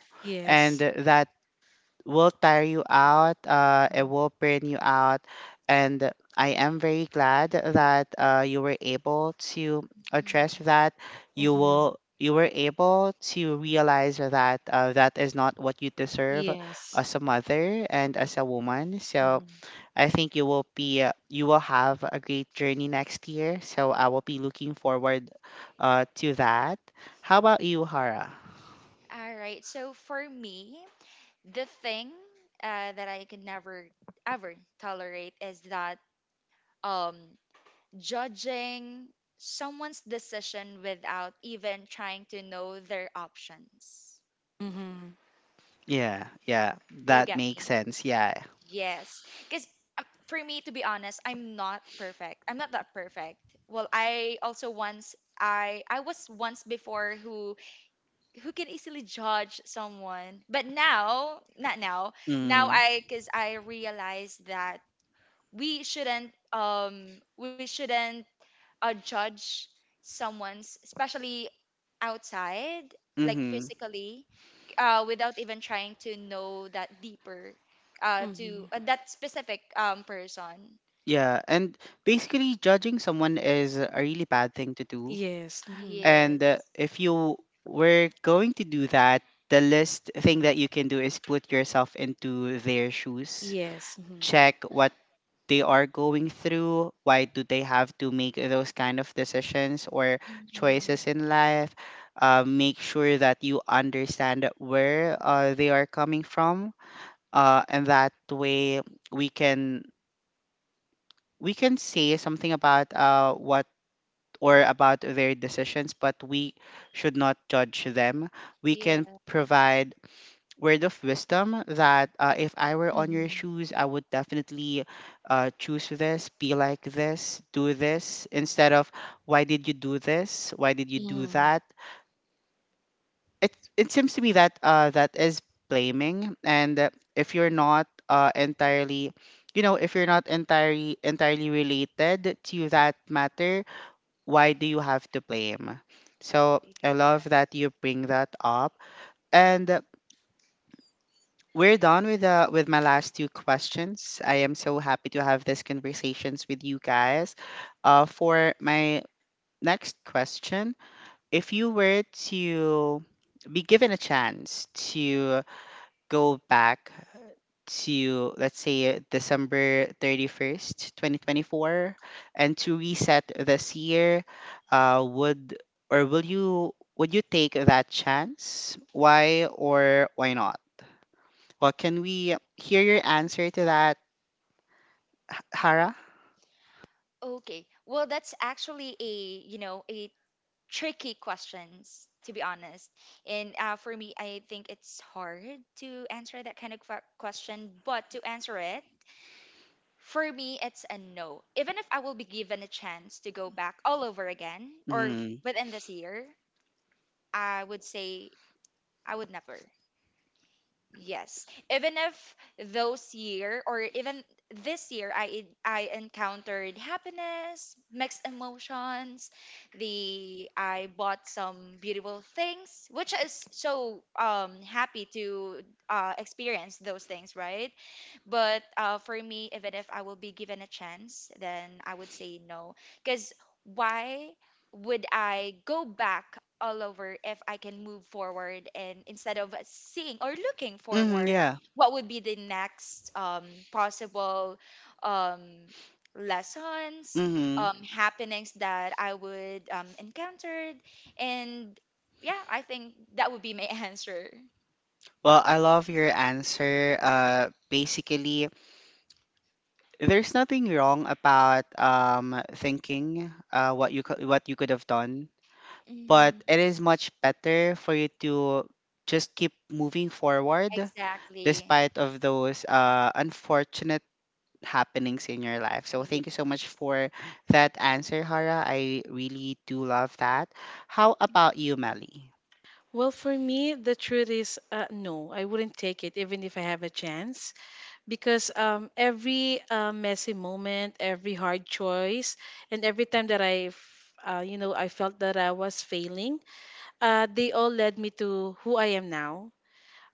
and
Yes.
that will tire you out. Uh, it will burn you out. And I am very glad that uh, you were able to address
Mhm.
that, you
Mm-hmm.
will, you were able to realize that uh, that is not what you deserve
Yes.
as a mother and as a woman. So I think you will be uh, you will have a great journey next year. So I will be looking forward uh, to that. How about you, Hara?
All right. So for me, the thing uh, that I can never ever tolerate is that, um judging someone's decision without even trying to know their options.
Mm-hmm.
Yeah, yeah,
Do you
that
get
makes
me?
sense. Yeah.
Yes, because for me, to be honest, I'm not perfect. I'm not that perfect. Well, I also once I I was once before who who can easily judge someone, but now not now. Now
Mm.
I because I realized that we shouldn't um we shouldn't uh, judge someone's, especially outside, like
Mm-hmm.
physically, uh, without even trying to know that deeper, uh, to
Hmm.
uh, that specific um person.
Yeah, and basically judging someone is a really bad thing to do.
Yes. Hmm.
And uh,
Yes.
if you were going to do that, the least thing that you can do is put yourself into their shoes.
Yes. Hmm.
Check what they are going through, why do they have to make those kind of decisions or
Mm-hmm.
choices in life. Uh, make sure that you understand where uh, they are coming from, uh, and that way we can we can say something about uh, what or about their decisions, but we should not judge them. We can
Yes.
provide word of wisdom that uh, if I were on your
Hmm.
shoes, I would definitely uh, choose this, be like this, do this,
Mhm.
instead of why did you do this? Why did you do
Hmm.
that? It, it seems to me that uh, that is blaming. And uh, if you're not uh, entirely, you know, if you're not entirely, entirely related to that matter, why do you have to blame? So I love that you bring that up. And we're done with the with my last two questions. I am so happy to have these conversations with you guys. Uh, for my next question, if you were to be given a chance to go back to, let's say, December thirty-first, twenty twenty-four, and to reset this year, uh, would or will you would you take that chance? Why or why not? But can we hear your answer to that, H- Hara?
Okay. Well, that's actually a, you know, a tricky questions to be honest. And uh, for me I think it's hard to answer that kind of que- question, but to answer it, for me it's a no. Even if I will be given a chance to go back all over again or
Mm.
within this year, I would say I would never. Yes. Even if those year, or even this year, I I encountered happiness, mixed emotions, the I bought some beautiful things, which is so um happy to uh experience those things, right? But uh for me, even if I will be given a chance, then I would say no. Because why would I go back all over if I can move forward, and instead of seeing or looking
Mm-hmm,
forward,
yeah.
what would be the next um, possible, um, lessons,
Mm-hmm.
um, happenings that I would, um, encountered, and yeah, I think that would be my answer.
Well, I love your answer. Uh, basically, there's nothing wrong about um thinking uh what you could what you could have done, but
Mhm.
it is much better for you to just keep moving forward
Exactly.
despite of those uh unfortunate happenings in your life. So thank
Yeah.
you so much for that answer, Hara. I really do love that. How about you, Melly?
Well, for me, the truth is, uh, no, I wouldn't take it, even if I have a chance, because, um, every, uh, messy moment, every hard choice, and every time that I, uh, you know, I felt that I was failing, uh, they all led me to who I am now.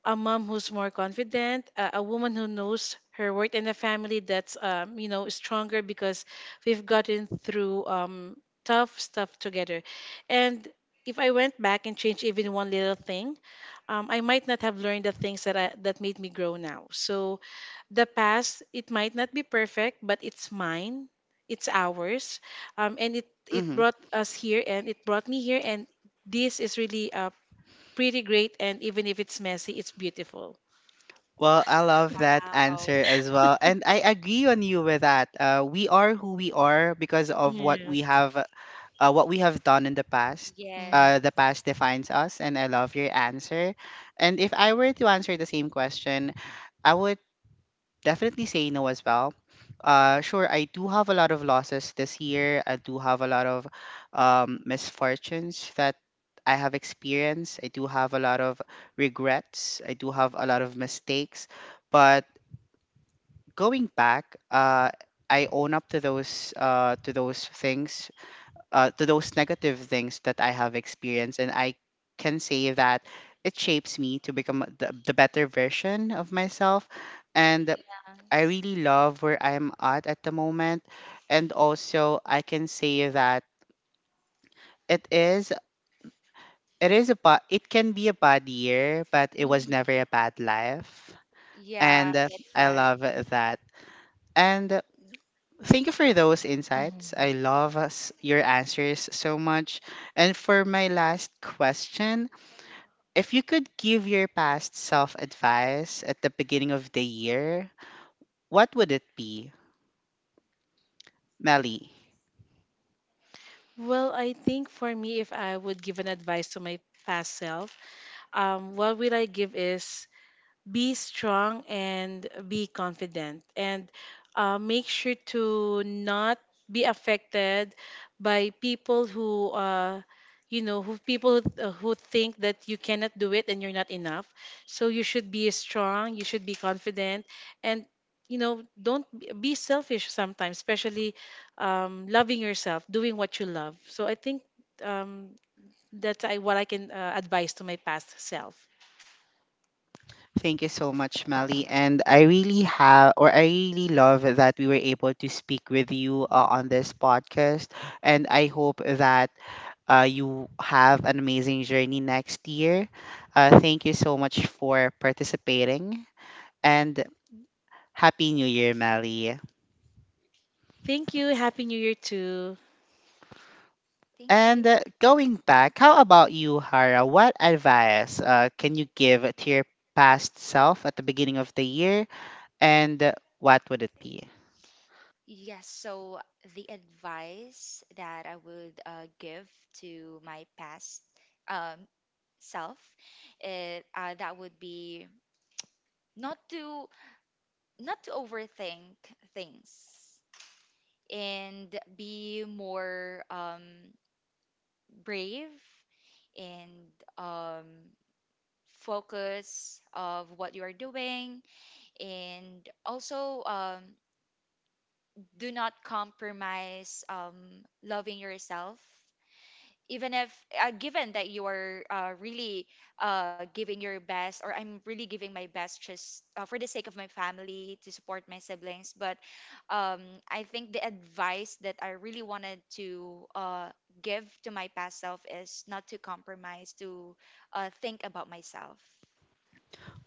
A mom who's more confident, a, a woman who knows her worth, and a family that's, um, you know stronger, because we've gotten through, um, tough stuff together. And if I went back and changed even one little thing, um, I might not have learned the things that I, that made me grow now. So the past, it might not be perfect, but it's mine. It's ours. Um, and it it
Mm-hmm.
brought us here, and it brought me here, and this is really, uh, pretty great. And even if it's messy, it's beautiful.
Well, I love that answer
Wow.
as well. And I agree on you with that. Uh, we are who we are because of what we
Yes.
have uh, what we have done in the past.
Mm.
Uh, the
Yes.
past defines us, and I love your answer. And if I were to answer the same question, I would definitely say no as well. Uh, sure, I do have a lot of losses this year. I do have a lot of um, misfortunes that I have experienced. I do have a lot of regrets. I do have a lot of mistakes. But going back, uh, I own up to those uh, to those things, uh, to those negative things that I have experienced, and I can say that it shapes me to become the, the better version of myself. And I
Yes.
really love where I'm at at the moment, and also I can say that it is it is a bad it can be a bad year, but it was
Mhm.
never a bad life. And
Yeah,
uh,
that's
I
right.
love that. And uh, thank you for those insights. I
Mhm.
love us- your answers so much. And for my last question, if you could give your past self advice at the beginning of the year, what would it be, Melly?
Well, I think for me, if I would give an advice to my past self, um, what will I give is, be strong and be confident, and, uh, make sure to not be affected by people who, uh, you know who people who, uh, who think that you cannot do it and you're not enough. So you should be strong, you should be confident. And, you know, don't b- be selfish sometimes, especially, um, loving yourself, doing what you love. So I think, um, that's, I, what I can, uh, advise to my past self.
Thank you so much, Melly. And I really have, or I really love that we were able to speak with you uh, on this podcast. And I hope that uh, you have an amazing journey next year. Uh, thank you so much for participating. And Happy New Year, Melly.
Thank you. Happy New Year too.
Thank
And
you.
uh, going back, how about you, Hara? What advice uh, can you give to your past self at the beginning of the year? And uh, what would it be?
Yes, so the advice that I would uh, give to my past, um, self, it, uh, that would be not to not to overthink things, and be more um, brave, and um, focus of what you are doing, and also, um, do not compromise, um, loving yourself, even if, uh, given that you are, uh, really, uh, giving your best, or I'm really giving my best just, uh, for the sake of my family, to support my siblings. But, um, I think the advice that I really wanted to, uh, give to my past self is not to compromise to, uh, think about myself.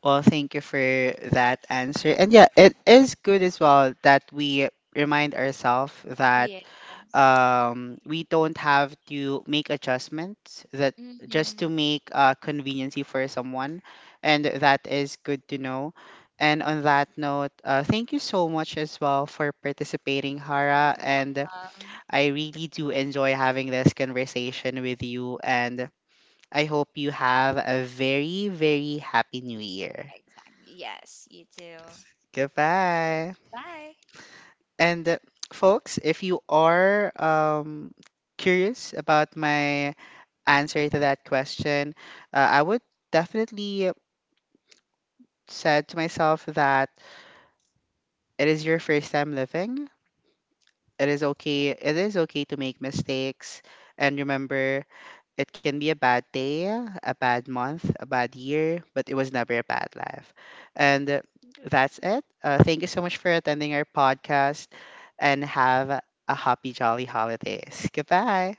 Well, thank you for that answer. And yeah, it is good as well that we remind ourselves that
Yes.
um, we don't have to make adjustments that just to
Hmm.
make uh, conveniency for someone, and that is good to know. And on that note, uh, thank you so much as well for participating,
You're
Hara. And
welcome.
I really do enjoy having this conversation with you, and I hope you have a very very happy New Year.
Exactly, yes, you too.
Goodbye.
Bye.
And uh, folks, if you are um, curious about my answer to that question, uh, I would definitely said to myself that it is your first time living. It is okay. It is okay to make mistakes. And remember, it can be a bad day, a bad month, a bad year, but it was never a bad life. And uh, that's it. Uh, thank you so much for attending our podcast, and have a happy, jolly holidays. Goodbye.